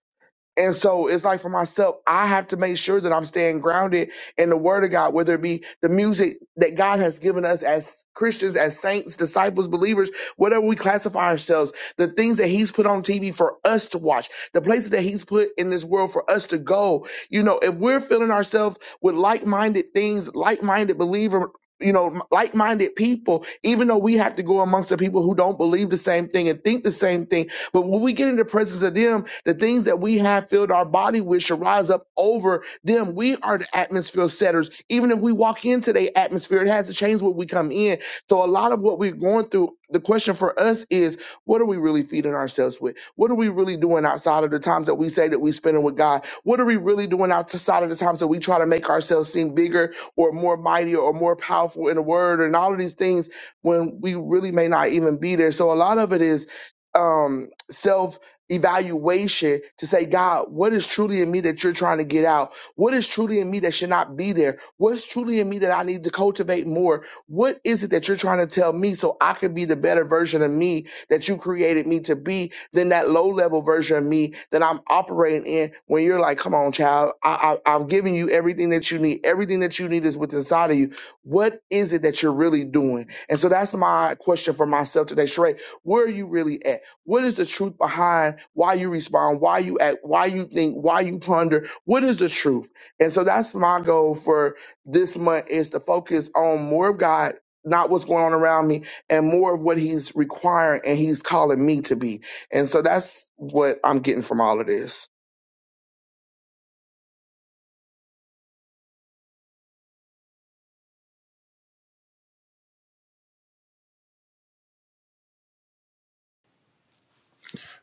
[SPEAKER 8] And so it's like for myself, I have to make sure that I'm staying grounded in the word of God, whether it be the music that God has given us as Christians, as saints, disciples, believers, whatever we classify ourselves, the things that he's put on TV for us to watch, the places that he's put in this world for us to go. You know, if we're filling ourselves with like-minded things, like-minded believer, you know, like-minded people, even though we have to go amongst the people who don't believe the same thing and think the same thing, but when we get into the presence of them, the things that we have filled our body with should rise up over them. We are the atmosphere setters. Even if we walk into the atmosphere, it has to change when we come in. So a lot of what we're going through, the question for us is, what are we really feeding ourselves with? What are we really doing outside of the times that we say that we are spending with God? What are we really doing outside of the times that we try to make ourselves seem bigger or more mighty or more powerful in the word and all of these things when we really may not even be there? So a lot of it is um, self evaluation to say, God, what is truly in me that you're trying to get out? What is truly in me that should not be there? What's truly in me that I need to cultivate more? What is it that you're trying to tell me so I can be the better version of me that you created me to be than that low level version of me that I'm operating in when you're like, come on, child, I, I, I've given you everything that you need. Everything that you need is within inside of you. What is it that you're really doing? And so that's my question for myself today, Sheree. Where are you really at? What is the truth behind why you respond, why you act, why you think, why you ponder? What is the truth? And so that's my goal for this month is to focus on more of God, not what's going on around me, and more of what He's requiring and He's calling me to be. And so that's what I'm getting from all of this.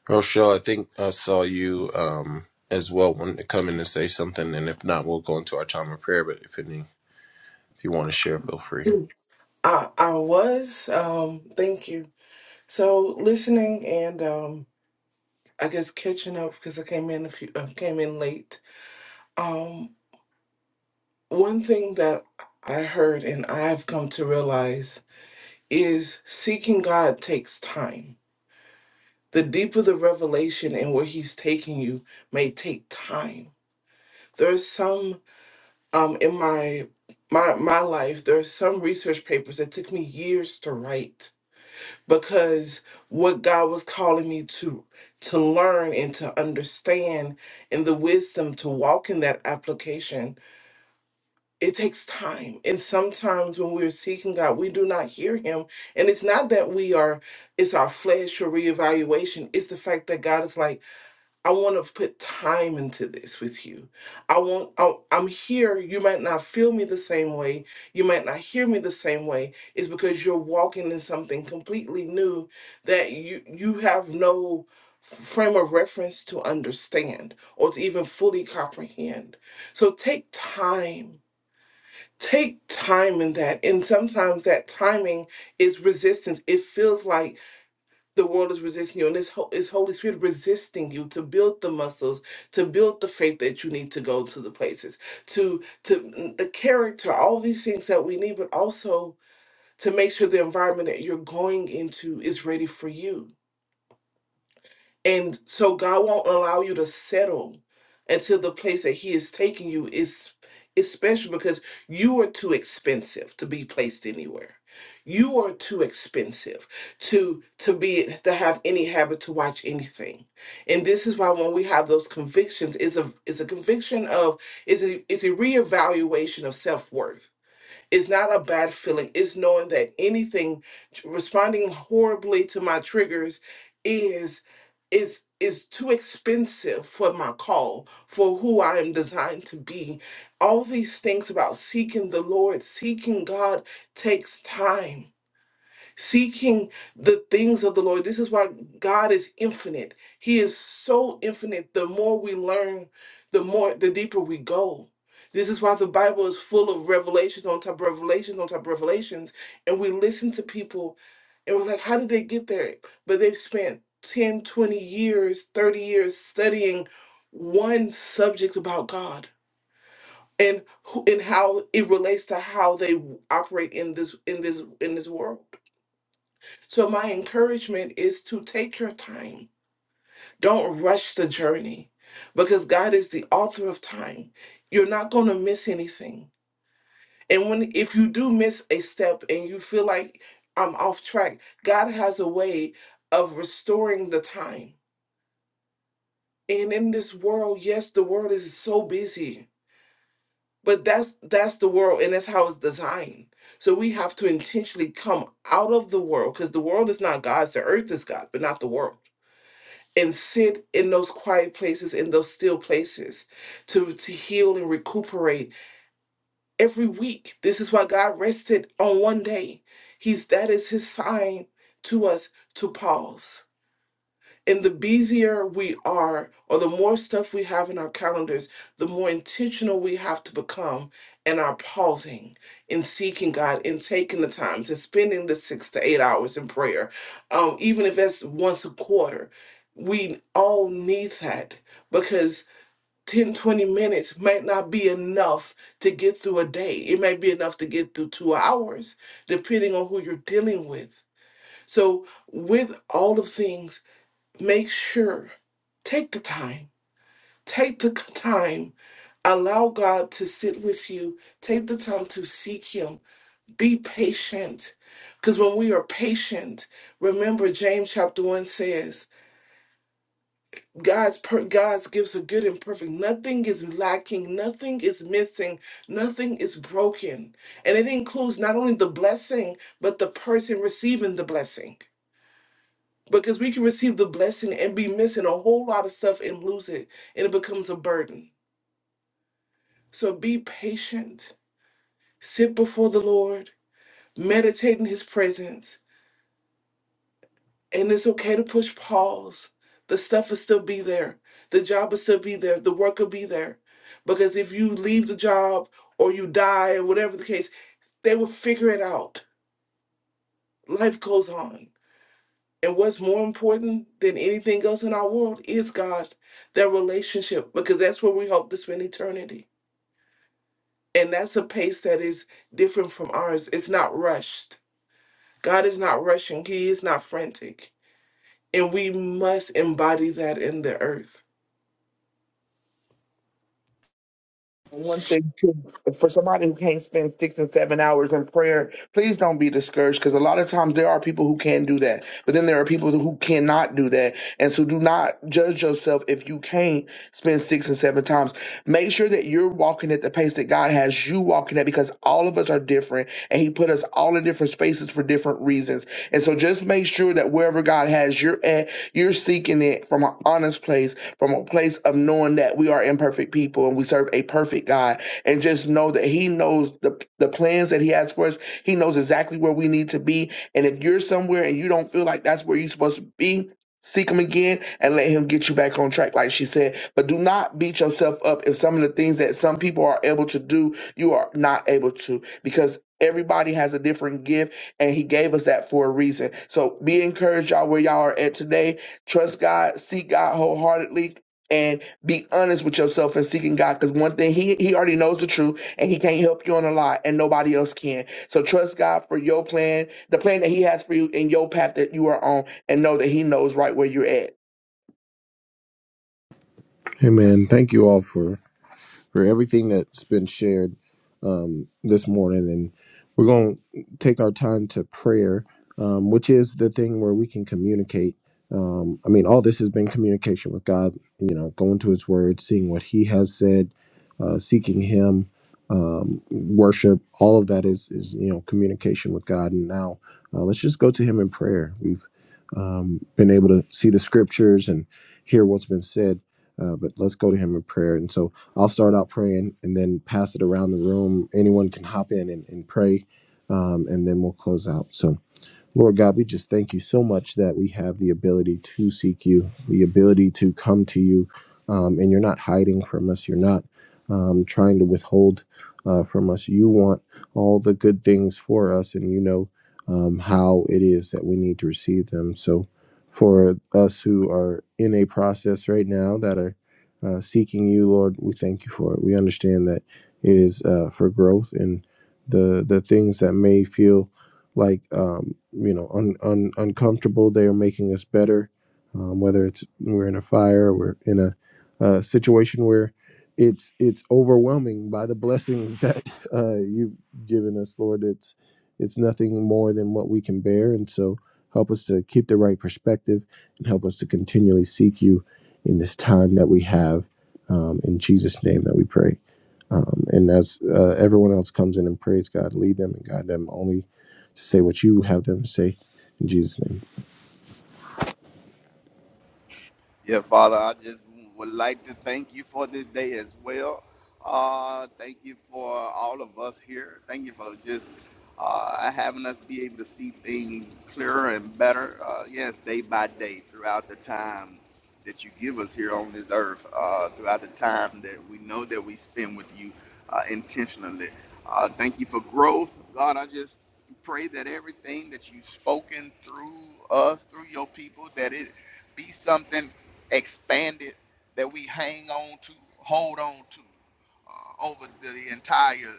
[SPEAKER 1] Rochelle, I think I saw you um, as well wanting to come in and say something, and if not, we'll go into our time of prayer. But if any, if you want to share, feel free.
[SPEAKER 11] I I was. Um, thank you. So listening and um, I guess catching up because I came in a few uh, came in late. Um, one thing that I heard and I've come to realize is seeking God takes time. The deeper the revelation and where He's taking you may take time. There's some um in my my my life. There's some research papers that took me years to write because what God was calling me to to learn and to understand and the wisdom to walk in that application it takes time and sometimes when we're seeking God we do not hear him and it's not that we are it's our flesh or reevaluation it's the fact that God is like I want to put time into this with you. I want, I, I'm here. You might not feel me the same way. You might not hear me the same way. It's because you're walking in something completely new that you, you have no frame of reference to understand or to even fully comprehend. So take time. Take time in that. And sometimes that timing is resistance. It feels like the world is resisting you and this whole is holy spirit resisting you to build the muscles to build the faith that you need to go to the places to to mm, the character all these things that we need but also to make sure the environment that you're going into is ready for you and so God won't allow you to settle until the place that He is taking you is is special because you are too expensive to be placed anywhere. You are too expensive to to be to have any habit to watch anything. And this is why when we have those convictions, is a is a conviction of is a is a reevaluation of self-worth it's not a bad feeling. It's knowing that anything responding horribly to my triggers is is is too expensive for my call, for who I am designed to be. All these things about seeking the Lord, seeking God takes time seeking the things of the Lord. This is why God is infinite. He is so infinite. The more we learn, the more the deeper we go. This is why the Bible is full of revelations on top of revelations on top of revelations. And we listen to people and we're like, how did they get there? But they've spent 10, 20 years, 30 years studying one subject about God and who, and how it relates to how they operate in this in this in this world. So, my encouragement is to take your time. Don't rush the journey because God is the author of time. You're not going to miss anything. And when if you do miss a step and you feel like I'm off track, God has a way of restoring the time. And in this world, yes, the world is so busy, but that's that's the world and that's how it's designed. So we have to intentionally come out of the world because the world is not God's, the earth is God's, but not the world. and sit in those quiet places in those still places to to heal and recuperate every week this is why god rested on one day he's that is his sign to us to pause and the busier we are, or the more stuff we have in our calendars, the more intentional we have to become in our pausing, in seeking God, in taking the times, in spending the six to eight hours in prayer, um, even if that's once a quarter. We all need that because 10, 20 minutes might not be enough to get through a day. It might be enough to get through two hours, depending on who you're dealing with. So, with all of things, Make sure, take the time, take the time Allow God to sit with you. Take the time to seek Him. Be patient. Because when we are patient, remember James chapter 1 says, God's per- God's gives a good and perfect. Nothing is lacking, nothing is missing, nothing is broken. And it includes not only the blessing, but the person receiving the blessing. Because we can receive the blessing and be missing a whole lot of stuff and lose it, and it becomes a burden. So be patient, sit before the Lord, meditate in His presence, and it's okay to push pause. The stuff will still be there, the job will still be there, the work will be there. Because if you leave the job or you die or whatever the case, they will figure it out. Life goes on. And what's more important than anything else in our world is God, that relationship, because that's where we hope to spend eternity. And that's a pace that is different from ours. It's not rushed. God is not rushing, He is not frantic. And we must embody that in the earth.
[SPEAKER 8] And One thing too, for somebody who can't spend six and seven hours in prayer, please don't be discouraged because a lot of times there are people who can do that, but then there are people who cannot do that. And so do not judge yourself if you can't spend six and seven times. Make sure that you're walking at the pace that God has you walking at because all of us are different and He put us all in different spaces for different reasons. And so just make sure that wherever God has you at, you're seeking it from an honest place from a place of knowing that we are imperfect people and we serve a perfect God. And just know that He knows the, the plans that He has for us. He knows exactly where we need to be. And if you're somewhere and you don't feel like that's where you're supposed to be, seek Him again and let Him get you back on track, like she said. But do not beat yourself up if some of the things that some people are able to do, you are not able to, because everybody has a different gift and He gave us that for a reason. So be encouraged, y'all, where y'all are at today Trust God, seek God wholeheartedly, and be honest with yourself in seeking God. Because one thing He He already knows the truth, and He can't help you on a lie, and nobody else can. So trust God for your plan, the plan that He has for you in your path that you are on, and know that He knows right where you're at.
[SPEAKER 1] Amen. thank you all for for everything that's been shared um, this morning. And we're going to take our time to prayer, um, which is the thing where we can communicate. Um, I mean, all this has been communication with God, you know, going to His Word, seeing what He has said, uh, seeking Him, um, worship. All of that is, is, you know, communication with God. And now uh, let's just go to Him in prayer. We've um, been able to see the scriptures and hear what's been said, uh, but let's go to Him in prayer. And so, I'll start out praying and then pass it around the room. Anyone can hop in and, and pray, um, and then we'll close out. So. Lord God, we just thank you so much that we have the ability to seek you, the ability to come to you, um, and you're not hiding from us. You're not um, trying to withhold uh, from us. You want all the good things for us, and you know um, how it is that we need to receive them. So, for us who are in a process right now that are uh, seeking you, Lord, we thank you for it. We understand that it is uh, for growth and the the things that may feel like um, you know un, un, uncomfortable they are making us better um, whether it's we're in a fire or we're in a, uh situation where it's it's overwhelming by the (laughs) blessings that uh, you've given us lord it's it's nothing more than what we can bear and so help us to keep the right perspective and help us to continually seek you in this time that we have um, in jesus name that we pray um, and as uh, everyone else comes in and prays god lead them and guide them only say what you have them say in Jesus' name.
[SPEAKER 4] Yeah, Father, I just would like to thank you for this day as well. Uh, thank you for all of us here. Thank you for just uh, having us be able to see things clearer and better, uh, yes, day by day throughout the time that you give us here on this earth, uh, throughout the time that we know that we spend with you uh, intentionally. Uh, thank you for growth. God, I just pray that everything that you've spoken through us, through your people, that it be something expanded that we hang on to, hold on to uh, over the entire,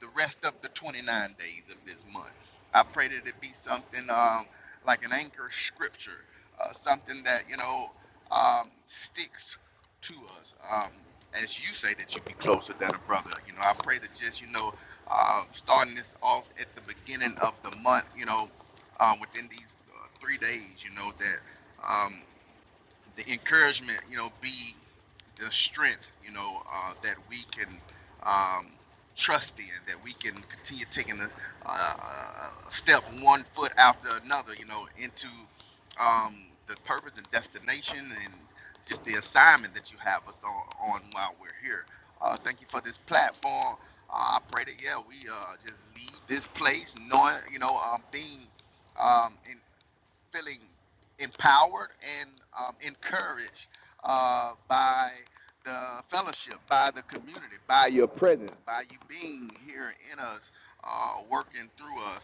[SPEAKER 4] the rest of the 29 days of this month. I pray that it be something um, like an anchor scripture, uh, something that, you know, um, sticks to us. Um, as you say that you be closer than a brother, you know, I pray that just, you know, um, starting this off at the beginning of the month, you know, um, within these uh, three days, you know, that um, the encouragement, you know, be the strength, you know, uh, that we can um, trust in, that we can continue taking a, uh, step one foot after another, you know, into um, the purpose and destination and just the assignment that you have us on, on while we're here. Uh, thank you for this platform. Uh, I pray that yeah, we uh, just leave this place knowing, you know, um, being um, in, feeling empowered and um, encouraged uh, by the fellowship, by the community, by your presence, by you being here in us, uh, working through us,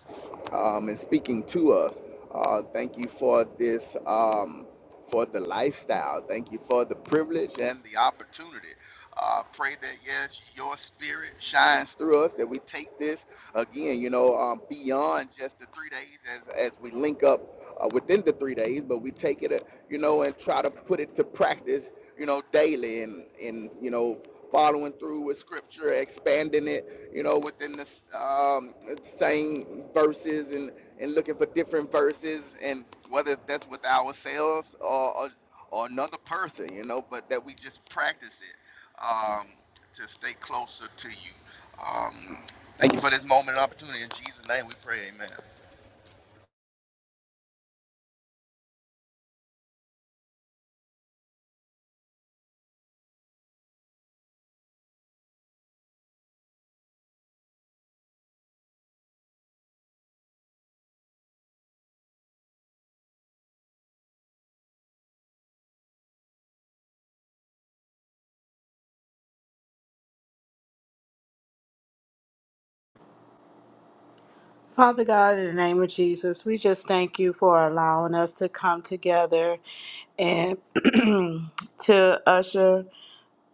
[SPEAKER 4] um, and speaking to us. Uh, thank you for this, um, for the lifestyle. Thank you for the privilege and the opportunity. Uh, pray that yes, your spirit shines through us. That we take this again, you know, um, beyond just the three days as as we link up uh, within the three days, but we take it, uh, you know, and try to put it to practice, you know, daily and, and you know, following through with scripture, expanding it, you know, within the um, same verses and, and looking for different verses and whether that's with ourselves or, or, or another person, you know, but that we just practice it um, to stay closer to you. Um, thank you for this moment and opportunity. In Jesus' name we pray, amen.
[SPEAKER 5] Father God, in the name of Jesus, we just thank you for allowing us to come together and (clears throat) to usher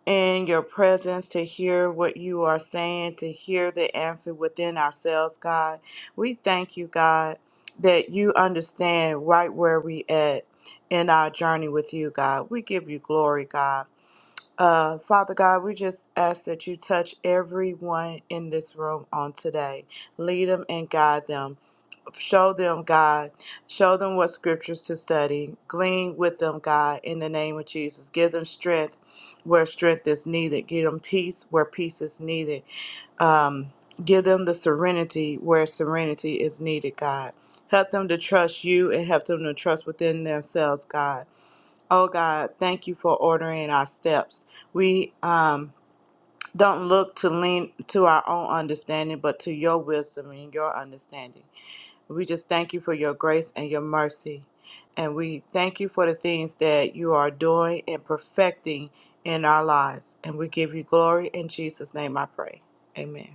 [SPEAKER 5] in your presence, to hear what you are saying, to hear the answer within ourselves, God. We thank you, God, that you understand right where we at in our journey with you, God. We give you glory, God. Uh, Father God, we just ask that you touch everyone in this room on today. Lead them and guide them. Show them, God. Show them what scriptures to study. Glean with them, God, in the name of Jesus. Give them strength where strength is needed. Give them peace where peace is needed. Um, give them the serenity where serenity is needed, God. Help them to trust you and help them to trust within themselves, God. Oh God, thank you for ordering our steps. We um, don't look to lean to our own understanding, but to your wisdom and your understanding. We just thank you for your grace and your mercy. And we thank you for the things that you are doing and perfecting in our lives. And we give you glory in Jesus' name, I pray. Amen.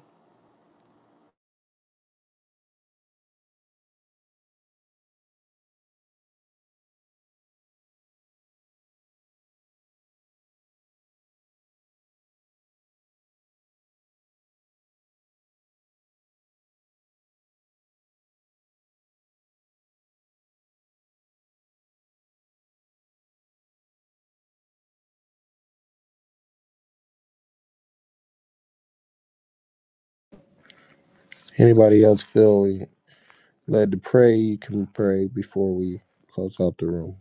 [SPEAKER 1] Anybody else feel led to pray, you can pray before we close out the room.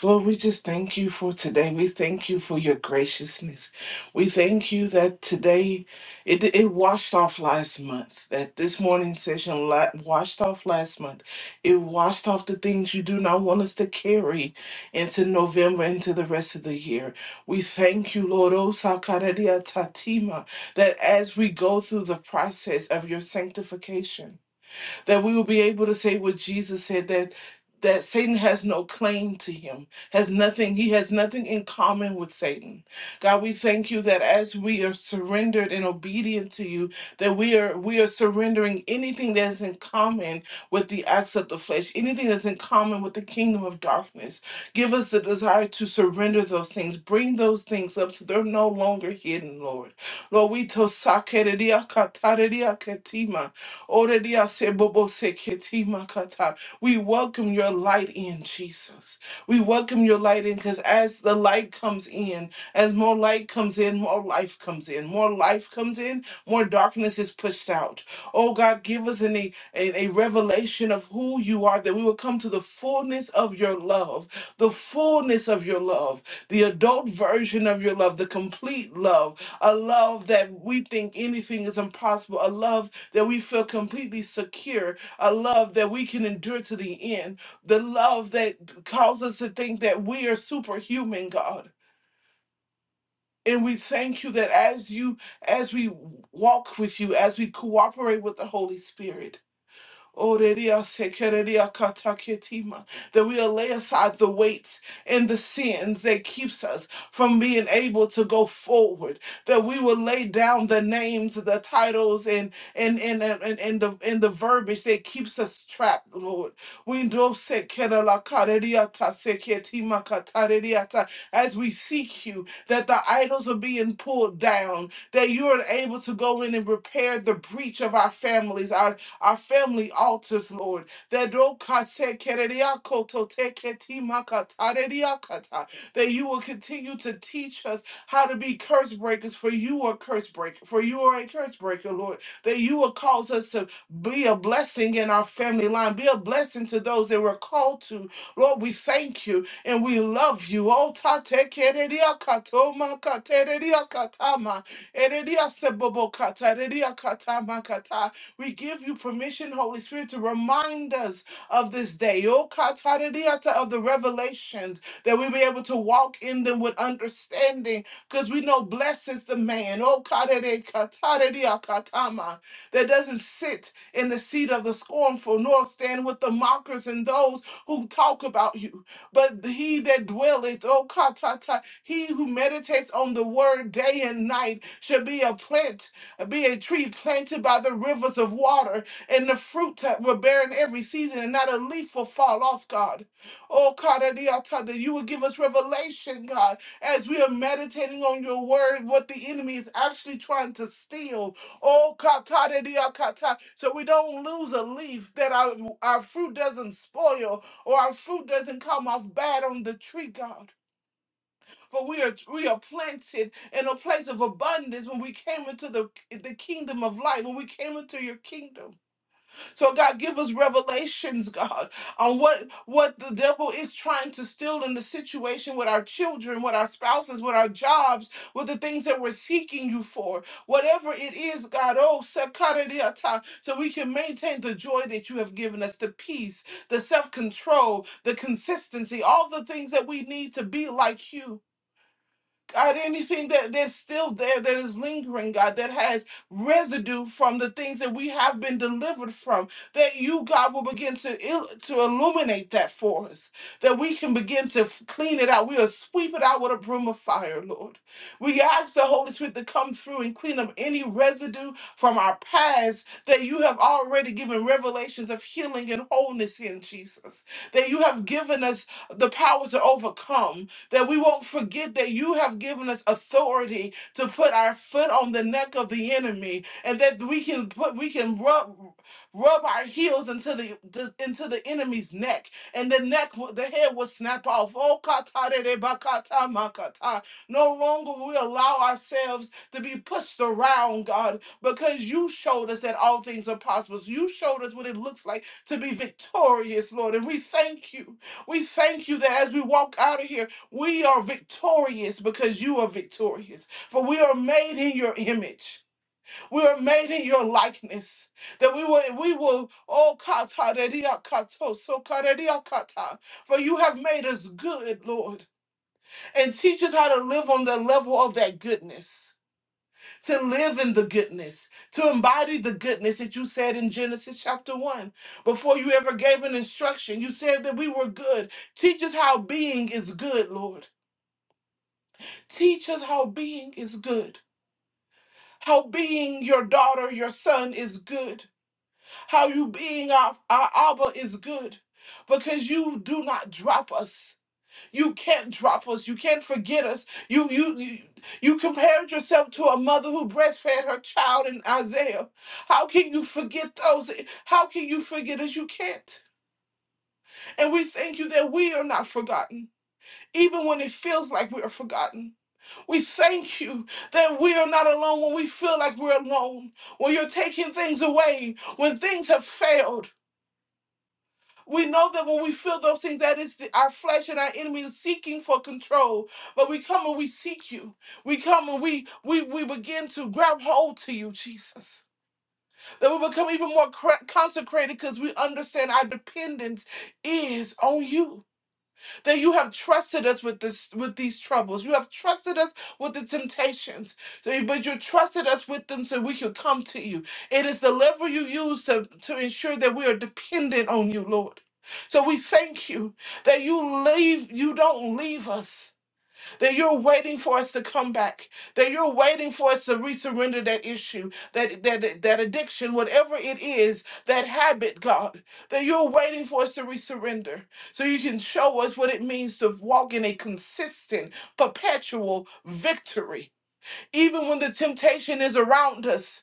[SPEAKER 11] Lord, we just thank you for today. We thank you for your graciousness. We thank you that today it, it washed off last month, that this morning session la- washed off last month. It washed off the things you do not want us to carry into November, into the rest of the year. We thank you, Lord, O Sakaradia Tatima, that as we go through the process of your sanctification, that we will be able to say what Jesus said that that Satan has no claim to him, has nothing, he has nothing in common with Satan. God, we thank you that as we are surrendered and obedient to you, that we are we are surrendering anything that is in common with the acts of the flesh, anything that's in common with the kingdom of darkness. Give us the desire to surrender those things, bring those things up so they're no longer hidden, Lord. Lord, we to Orelia se bobo se keti makata. We welcome your light in, Jesus. We welcome your light in because as the light comes in, as more light comes in, more life comes in. More life comes in, more darkness is pushed out. Oh God, give us an, a, a revelation of who you are that we will come to the fullness of your love, the fullness of your love, the adult version of your love, the complete love, a love that we think anything is impossible, a love that we feel completely secure, a love that we can endure to the end, the love that causes us to think that we are superhuman, God. And we thank you that as you, as we walk with you, as we cooperate with the Holy Spirit, Oreria sekereria kataketima. That we'll lay aside the weights and the sins that keeps us from being able to go forward. That we will lay down the names, the titles, and and and and, and, the and the verbiage that keeps us trapped, Lord. We do sekerela kareria ta seketima katareria ta. As we seek you, that the idols are being pulled down, that you are able to go in and repair the breach of our families, Our our family altars, Lord. That that you will continue to teach us how to be curse breakers, for you are curse breaker, for you are a curse breaker, Lord. That you will cause us to be a blessing in our family line, be a blessing to those that we're called to. Lord, we thank you and we love you. Oh, tatekerediakatomakatediakatamakateria sebobokataria we give you permission, Holy Spirit, to remind us of this day, oh, kataradiata, of the revelations, that we be able to walk in them with understanding, because we know blessed is the man, oh, katare- kataradia katama, that doesn't sit in the seat of the scornful, nor stand with the mockers and those who talk about you. But he that dwelleth, oh, katata, he who meditates on the word day and night shall be a plant be a tree planted by the rivers of water, and the fruit that will bear in every season, and not a leaf will fall off, God. Oh, God, I need our time that you will give us revelation, God, as we are meditating on your word, what the enemy is actually trying to steal. Oh, Katara Diakata, so we don't lose a leaf, that our, our fruit doesn't spoil or our fruit doesn't come off bad on the tree, God. For we are we are planted in a place of abundance when we came into the the kingdom of light, when we came into your kingdom. So God, give us revelations, God, on what what the devil is trying to steal in the situation with our children, with our spouses, with our jobs, with the things that we're seeking you for. Whatever it is, God, oh sakaradiata, so we can maintain the joy that you have given us, the peace, the self-control, the consistency, all the things that we need to be like you. God, anything that, that's still there that is lingering, God, that has residue from the things that we have been delivered from, that you, God, will begin to il- to illuminate that for us, that we can begin to f- clean it out. We'll sweep it out with a broom of fire, Lord. We ask the Holy Spirit to come through and clean up any residue from our past that you have already given revelations of healing and wholeness in Jesus, that you have given us the power to overcome that we won't forget that you have given us authority to put our foot on the neck of the enemy and that we can put we can rub rub our heels into the, the into the enemy's neck and the neck will- the head will snap off oh katarere no longer will we allow ourselves to be pushed around god because you showed us that all things are possible you showed us what it looks like to be victorious lord and we thank you we thank you that as we walk out of here we are victorious because you are victorious. For we are made in your image. We are made in your likeness. That we will, we will, oh, kata, redia, kato, so karedia, kata. For you have made us good, Lord, and teach us how to live on the level of that goodness. To live in the goodness, to embody the goodness that you said in Genesis chapter 1. Before you ever gave an instruction, you said that we were good. Teach us how being is good, Lord. Teach us how being is good. How being your daughter, your son is good. How you being our, our Abba is good. Because you do not drop us. You can't drop us. You can't forget us. You you you, you compared yourself to a mother who breastfed her child in Isaiah. How can you forget those? How can you forget us? You can't. And we thank you that we are not forgotten, even when it feels like we are forgotten. We thank you that we are not alone when we feel like we're alone, when you're taking things away, when things have failed. We know that when we feel those things, that is the- our flesh and our enemy is seeking for control. But we come and we seek you. We come and we we we begin to grab hold to you, Jesus. That we become even more cra- consecrated because we understand our dependence is on you that you have trusted us with this with these troubles. You have trusted us with the temptations. So but you trusted us with them so we could come to you. It is the lever you use to, to ensure that we are dependent on you, Lord. So we thank you that you leave you don't leave us that you're waiting for us to come back, that you're waiting for us to resurrender that issue, that that that addiction, whatever it is, that habit, God, that you're waiting for us to resurrender, so you can show us what it means to walk in a consistent, perpetual victory, even when the temptation is around us.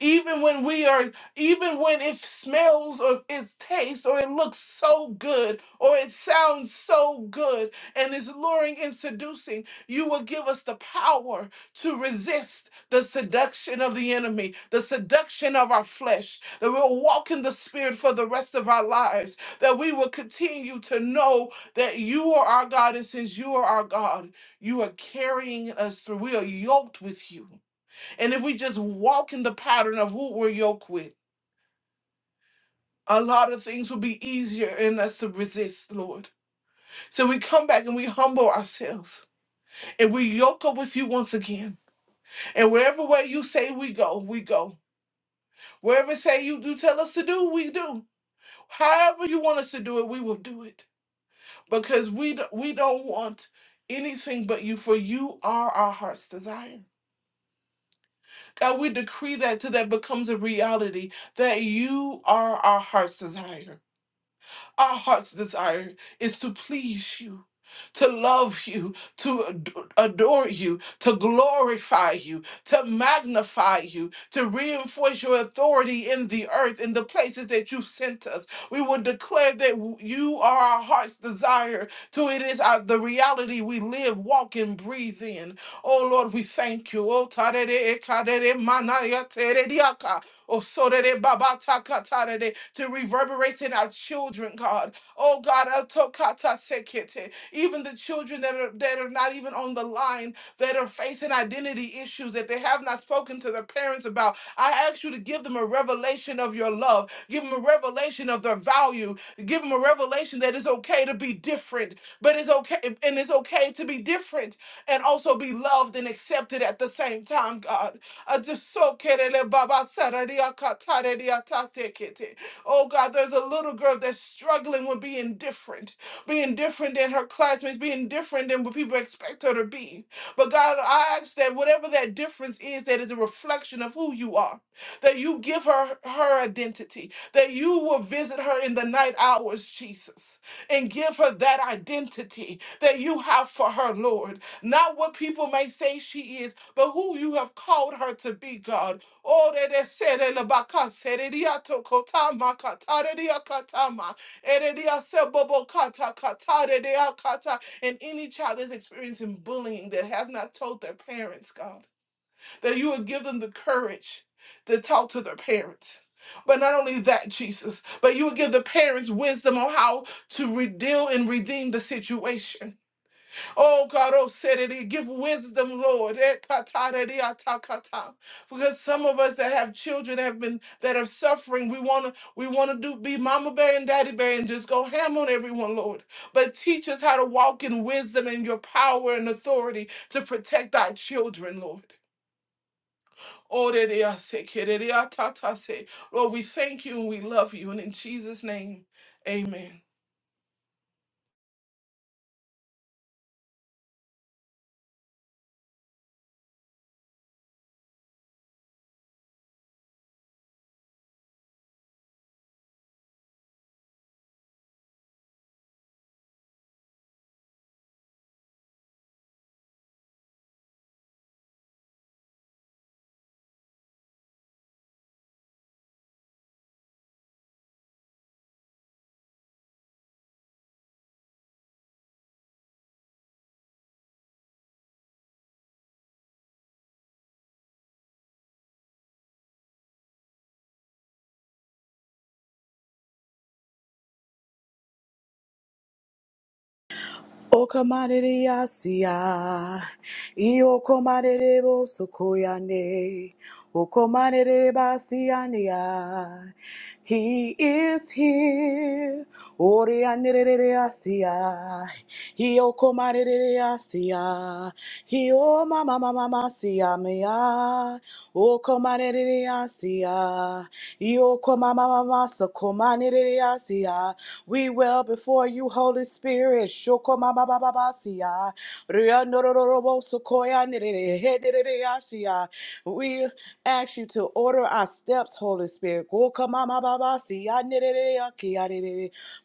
[SPEAKER 11] Even when we are, even when it smells or it tastes or it looks so good or it sounds so good and is luring and seducing, you will give us the power to resist the seduction of the enemy, the seduction of our flesh, that we'll walk in the spirit for the rest of our lives, that we will continue to know that you are our God, and since you are our God, you are carrying us through. We are yoked with you. And if we just walk in the pattern of who we're yoked with, a lot of things will be easier in us to resist, Lord. So we come back and we humble ourselves and we yoke up with you once again. And wherever way you say we go, we go. Wherever say you do tell us to do, we do. However you want us to do it, we will do it. Because we do, we don't want anything but you, for you are our heart's desire. God, we decree that till that becomes a reality, that you are our heart's desire Our heart's desire is to please you, to love you, to ad- adore you, to glorify you, to magnify you, to reinforce your authority in the earth, in the places that you sent us. We will declare that w- you are our heart's desire, to it is our, the reality we live, walk, and breathe in. Oh Lord, we thank you. Oh, tarere, kadere, manaya, terediaka. Oh, so that it baba taka tara de, to reverberate in our children, God. Oh, God, I kata sekete. even the children that are that are not even on the line, that are facing identity issues that they have not spoken to their parents about. I ask you to give them a revelation of your love. Give them a revelation of their value. Give them a revelation that it's okay to be different, but it's okay and it's okay to be different and also be loved and accepted at the same time, God. Adusokerele baba sararia katareria tatekete. Oh God, there's a little girl that's struggling with being different, being different than her classmates, being different than what people expect her to be. But God, I ask that whatever that difference is, that is a reflection of who you are, that you give her her identity, that you will visit her in the night hours, Jesus, and give her that identity that you have for her, Lord. Not what people may say she is, but who you have called her to be, God. Oh, that that said in the baka said it ya to kotama katara dia katama. Eredia sebobo kata katara dia kata. And any child that's experiencing bullying that have not told their parents, God, that you would give them the courage to talk to their parents. But not only that, Jesus, but you would give the parents wisdom on how to re- deal and redeem the situation Oh God, oh Sadity, give wisdom, Lord. Eh, katara di atakata. Because some of us that have children have been that are suffering, we wanna we wanna do be mama bear and daddy bear and just go ham on everyone, Lord. But teach us how to walk in wisdom and your power and authority to protect our children, Lord. Oh, de de ase, ke de de atata se. Lord, we thank you and we love you. And in Jesus' name, amen.
[SPEAKER 5] O kamarere yasia, iyo komarere bo sukoyane, o komarere basiania. He is here, orianere yasia, iyo komarere yasia, iyo mama mama masia mea. O komaneriasia, io komamamasa komaneriasia. We will before you, Holy Spirit. Shokomabababasia, rianorororoboso koyaneriasia. We ask you to order our steps, Holy Spirit. Go kamamababasia,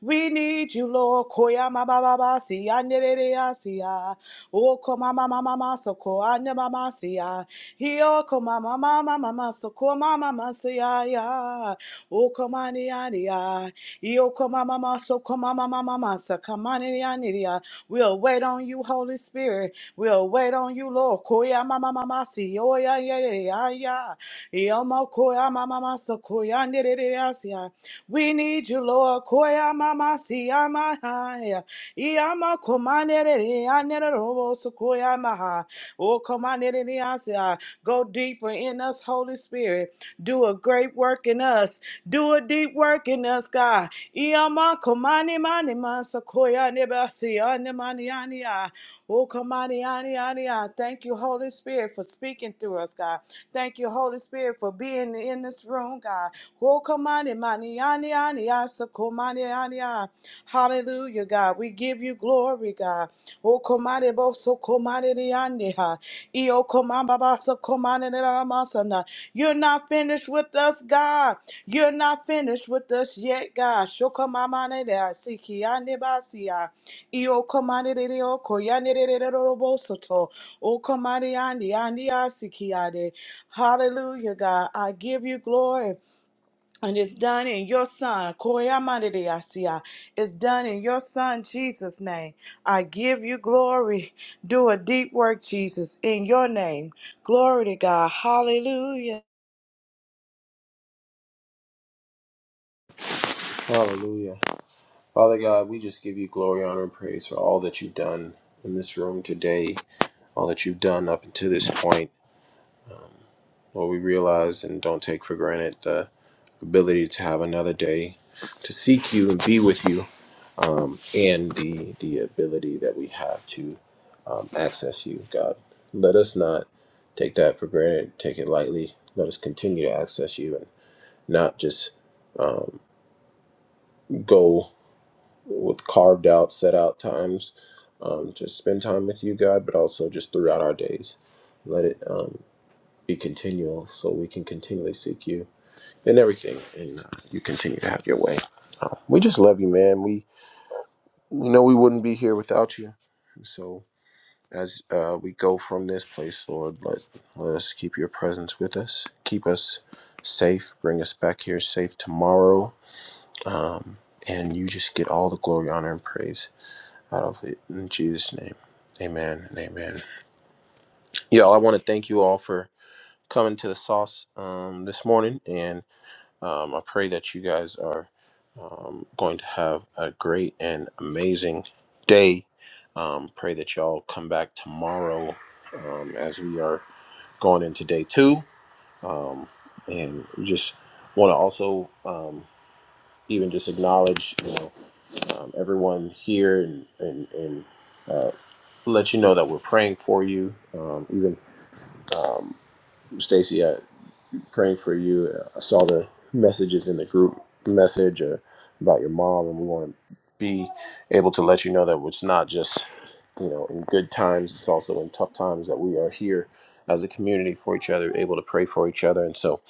[SPEAKER 5] we need you, Lord. Koya mama mama si anderere asia. O koma mama mama so ko ande mama siya. Hio koma mama mama so ko mama mama siya ya. O koma ni ani ya. Hio koma mama so ko mama mama so kama ni ani We'll wait on you, Holy Spirit. We'll wait on you, Lord. Koya mama mama si oya ya ya ya. Hio mo koya mama mama so koya anderere asia. We need you, Lord. Koya mama si ama haya. Iyama komanere re anere robo so koya maha. O komanere re ansia. Go deeper in us, Holy Spirit. Do a great work in us. Do a deep work in us, God. Iyama komani mani mansa koya neba si ane mani ani ya. O komani ani ani ya. Thank you, Holy Spirit, for speaking through us, God. Thank you, Holy Spirit, for being in this room, God. Wokamani mani ani ani asakomani ani ah. Hallelujah, God. We give you glory, God. Wokamani bo sokomani ni ani ha. Iyo komamba ba sokomani ni la masana. You're not finished with us, God. You're not finished with us yet, God. Shokamamani de asiki ani basi ah. Iyo komani de de oko yani de de de de robo soto. O komani, ani ani asiki ade. Hallelujah, God. I give you glory. And it's done in your son. Koreamandedeasia. It's done in your son, Jesus' name. I give you glory. Do a deep work, Jesus, in your name. Glory to God. Hallelujah.
[SPEAKER 1] Hallelujah. Father God, we just give you glory, honor, and praise for all that you've done in this room today, all that you've done up until this point. Lord, we realize and don't take for granted the ability to have another day to seek you and be with you, um, and the the ability that we have to um, access you, God. Let us not take that for granted, take it lightly. Let us continue to access you and not just um, go with carved out, set out times. Um, to spend time with you, God, but also just throughout our days. Let it um, be continual so we can continually seek you and everything. And uh, you continue to have your way. Um, we just love you, man. We we know we wouldn't be here without you. And so as uh, we go from this place, Lord, let let us keep your presence with us. Keep us safe. Bring us back here safe tomorrow. Um, and you just get all the glory, honor, and praise out of it in Jesus' name. Amen and amen. Y'all, I want to thank you all for coming to the sauce um, this morning, and Um, I pray that you guys are um, going to have a great and amazing day. Um, pray that y'all come back tomorrow um, as we are going into day two. Um, and we just want to also um, even just acknowledge you know um, everyone here and and, and uh, let you know that we're praying for you. Um, even um, Stacy praying for you. I saw the messages in the group message uh, about your mom, and we want to be able to let you know that it's not just you know in good times; it's also in tough times that we are here as a community for each other, able to pray for each other. And so,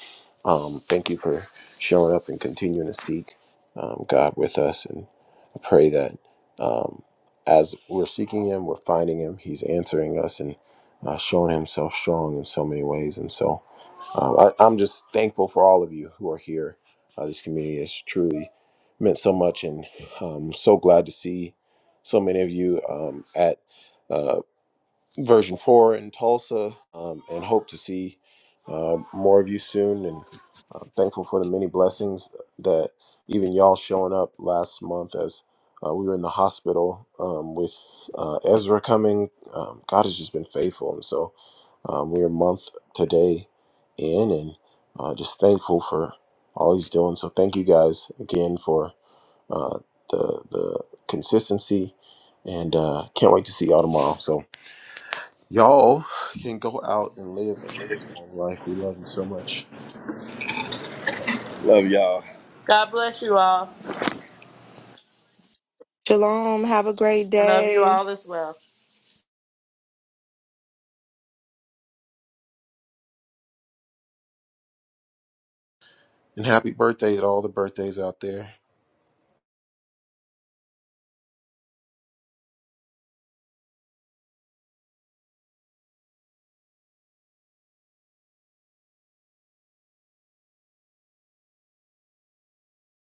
[SPEAKER 1] um, thank you for showing up and continuing to seek um, God with us. And I pray that um, as we're seeking Him, we're finding Him. He's answering us and uh, showing Himself strong in so many ways. And so. Um, I, I'm just thankful for all of you who are here. Uh, this community has truly meant so much, and um, so glad to see so many of you um, at uh, version four in Tulsa, um, and hope to see uh, more of you soon. And I'm thankful for the many blessings that even y'all showing up last month as uh, we were in the hospital um, with uh, Ezra coming. Um, God has just been faithful, and so um, we're a month today in, and uh, just thankful for all he's doing. So thank you guys again for uh, the the consistency, and uh, can't wait to see y'all tomorrow. So y'all can go out and live a transformed life. We love you so much,
[SPEAKER 4] Love y'all.
[SPEAKER 5] God bless you all
[SPEAKER 12] Shalom. Have a great
[SPEAKER 5] and love you
[SPEAKER 12] day.
[SPEAKER 5] all as well.
[SPEAKER 1] and happy birthday to all the birthdays out there.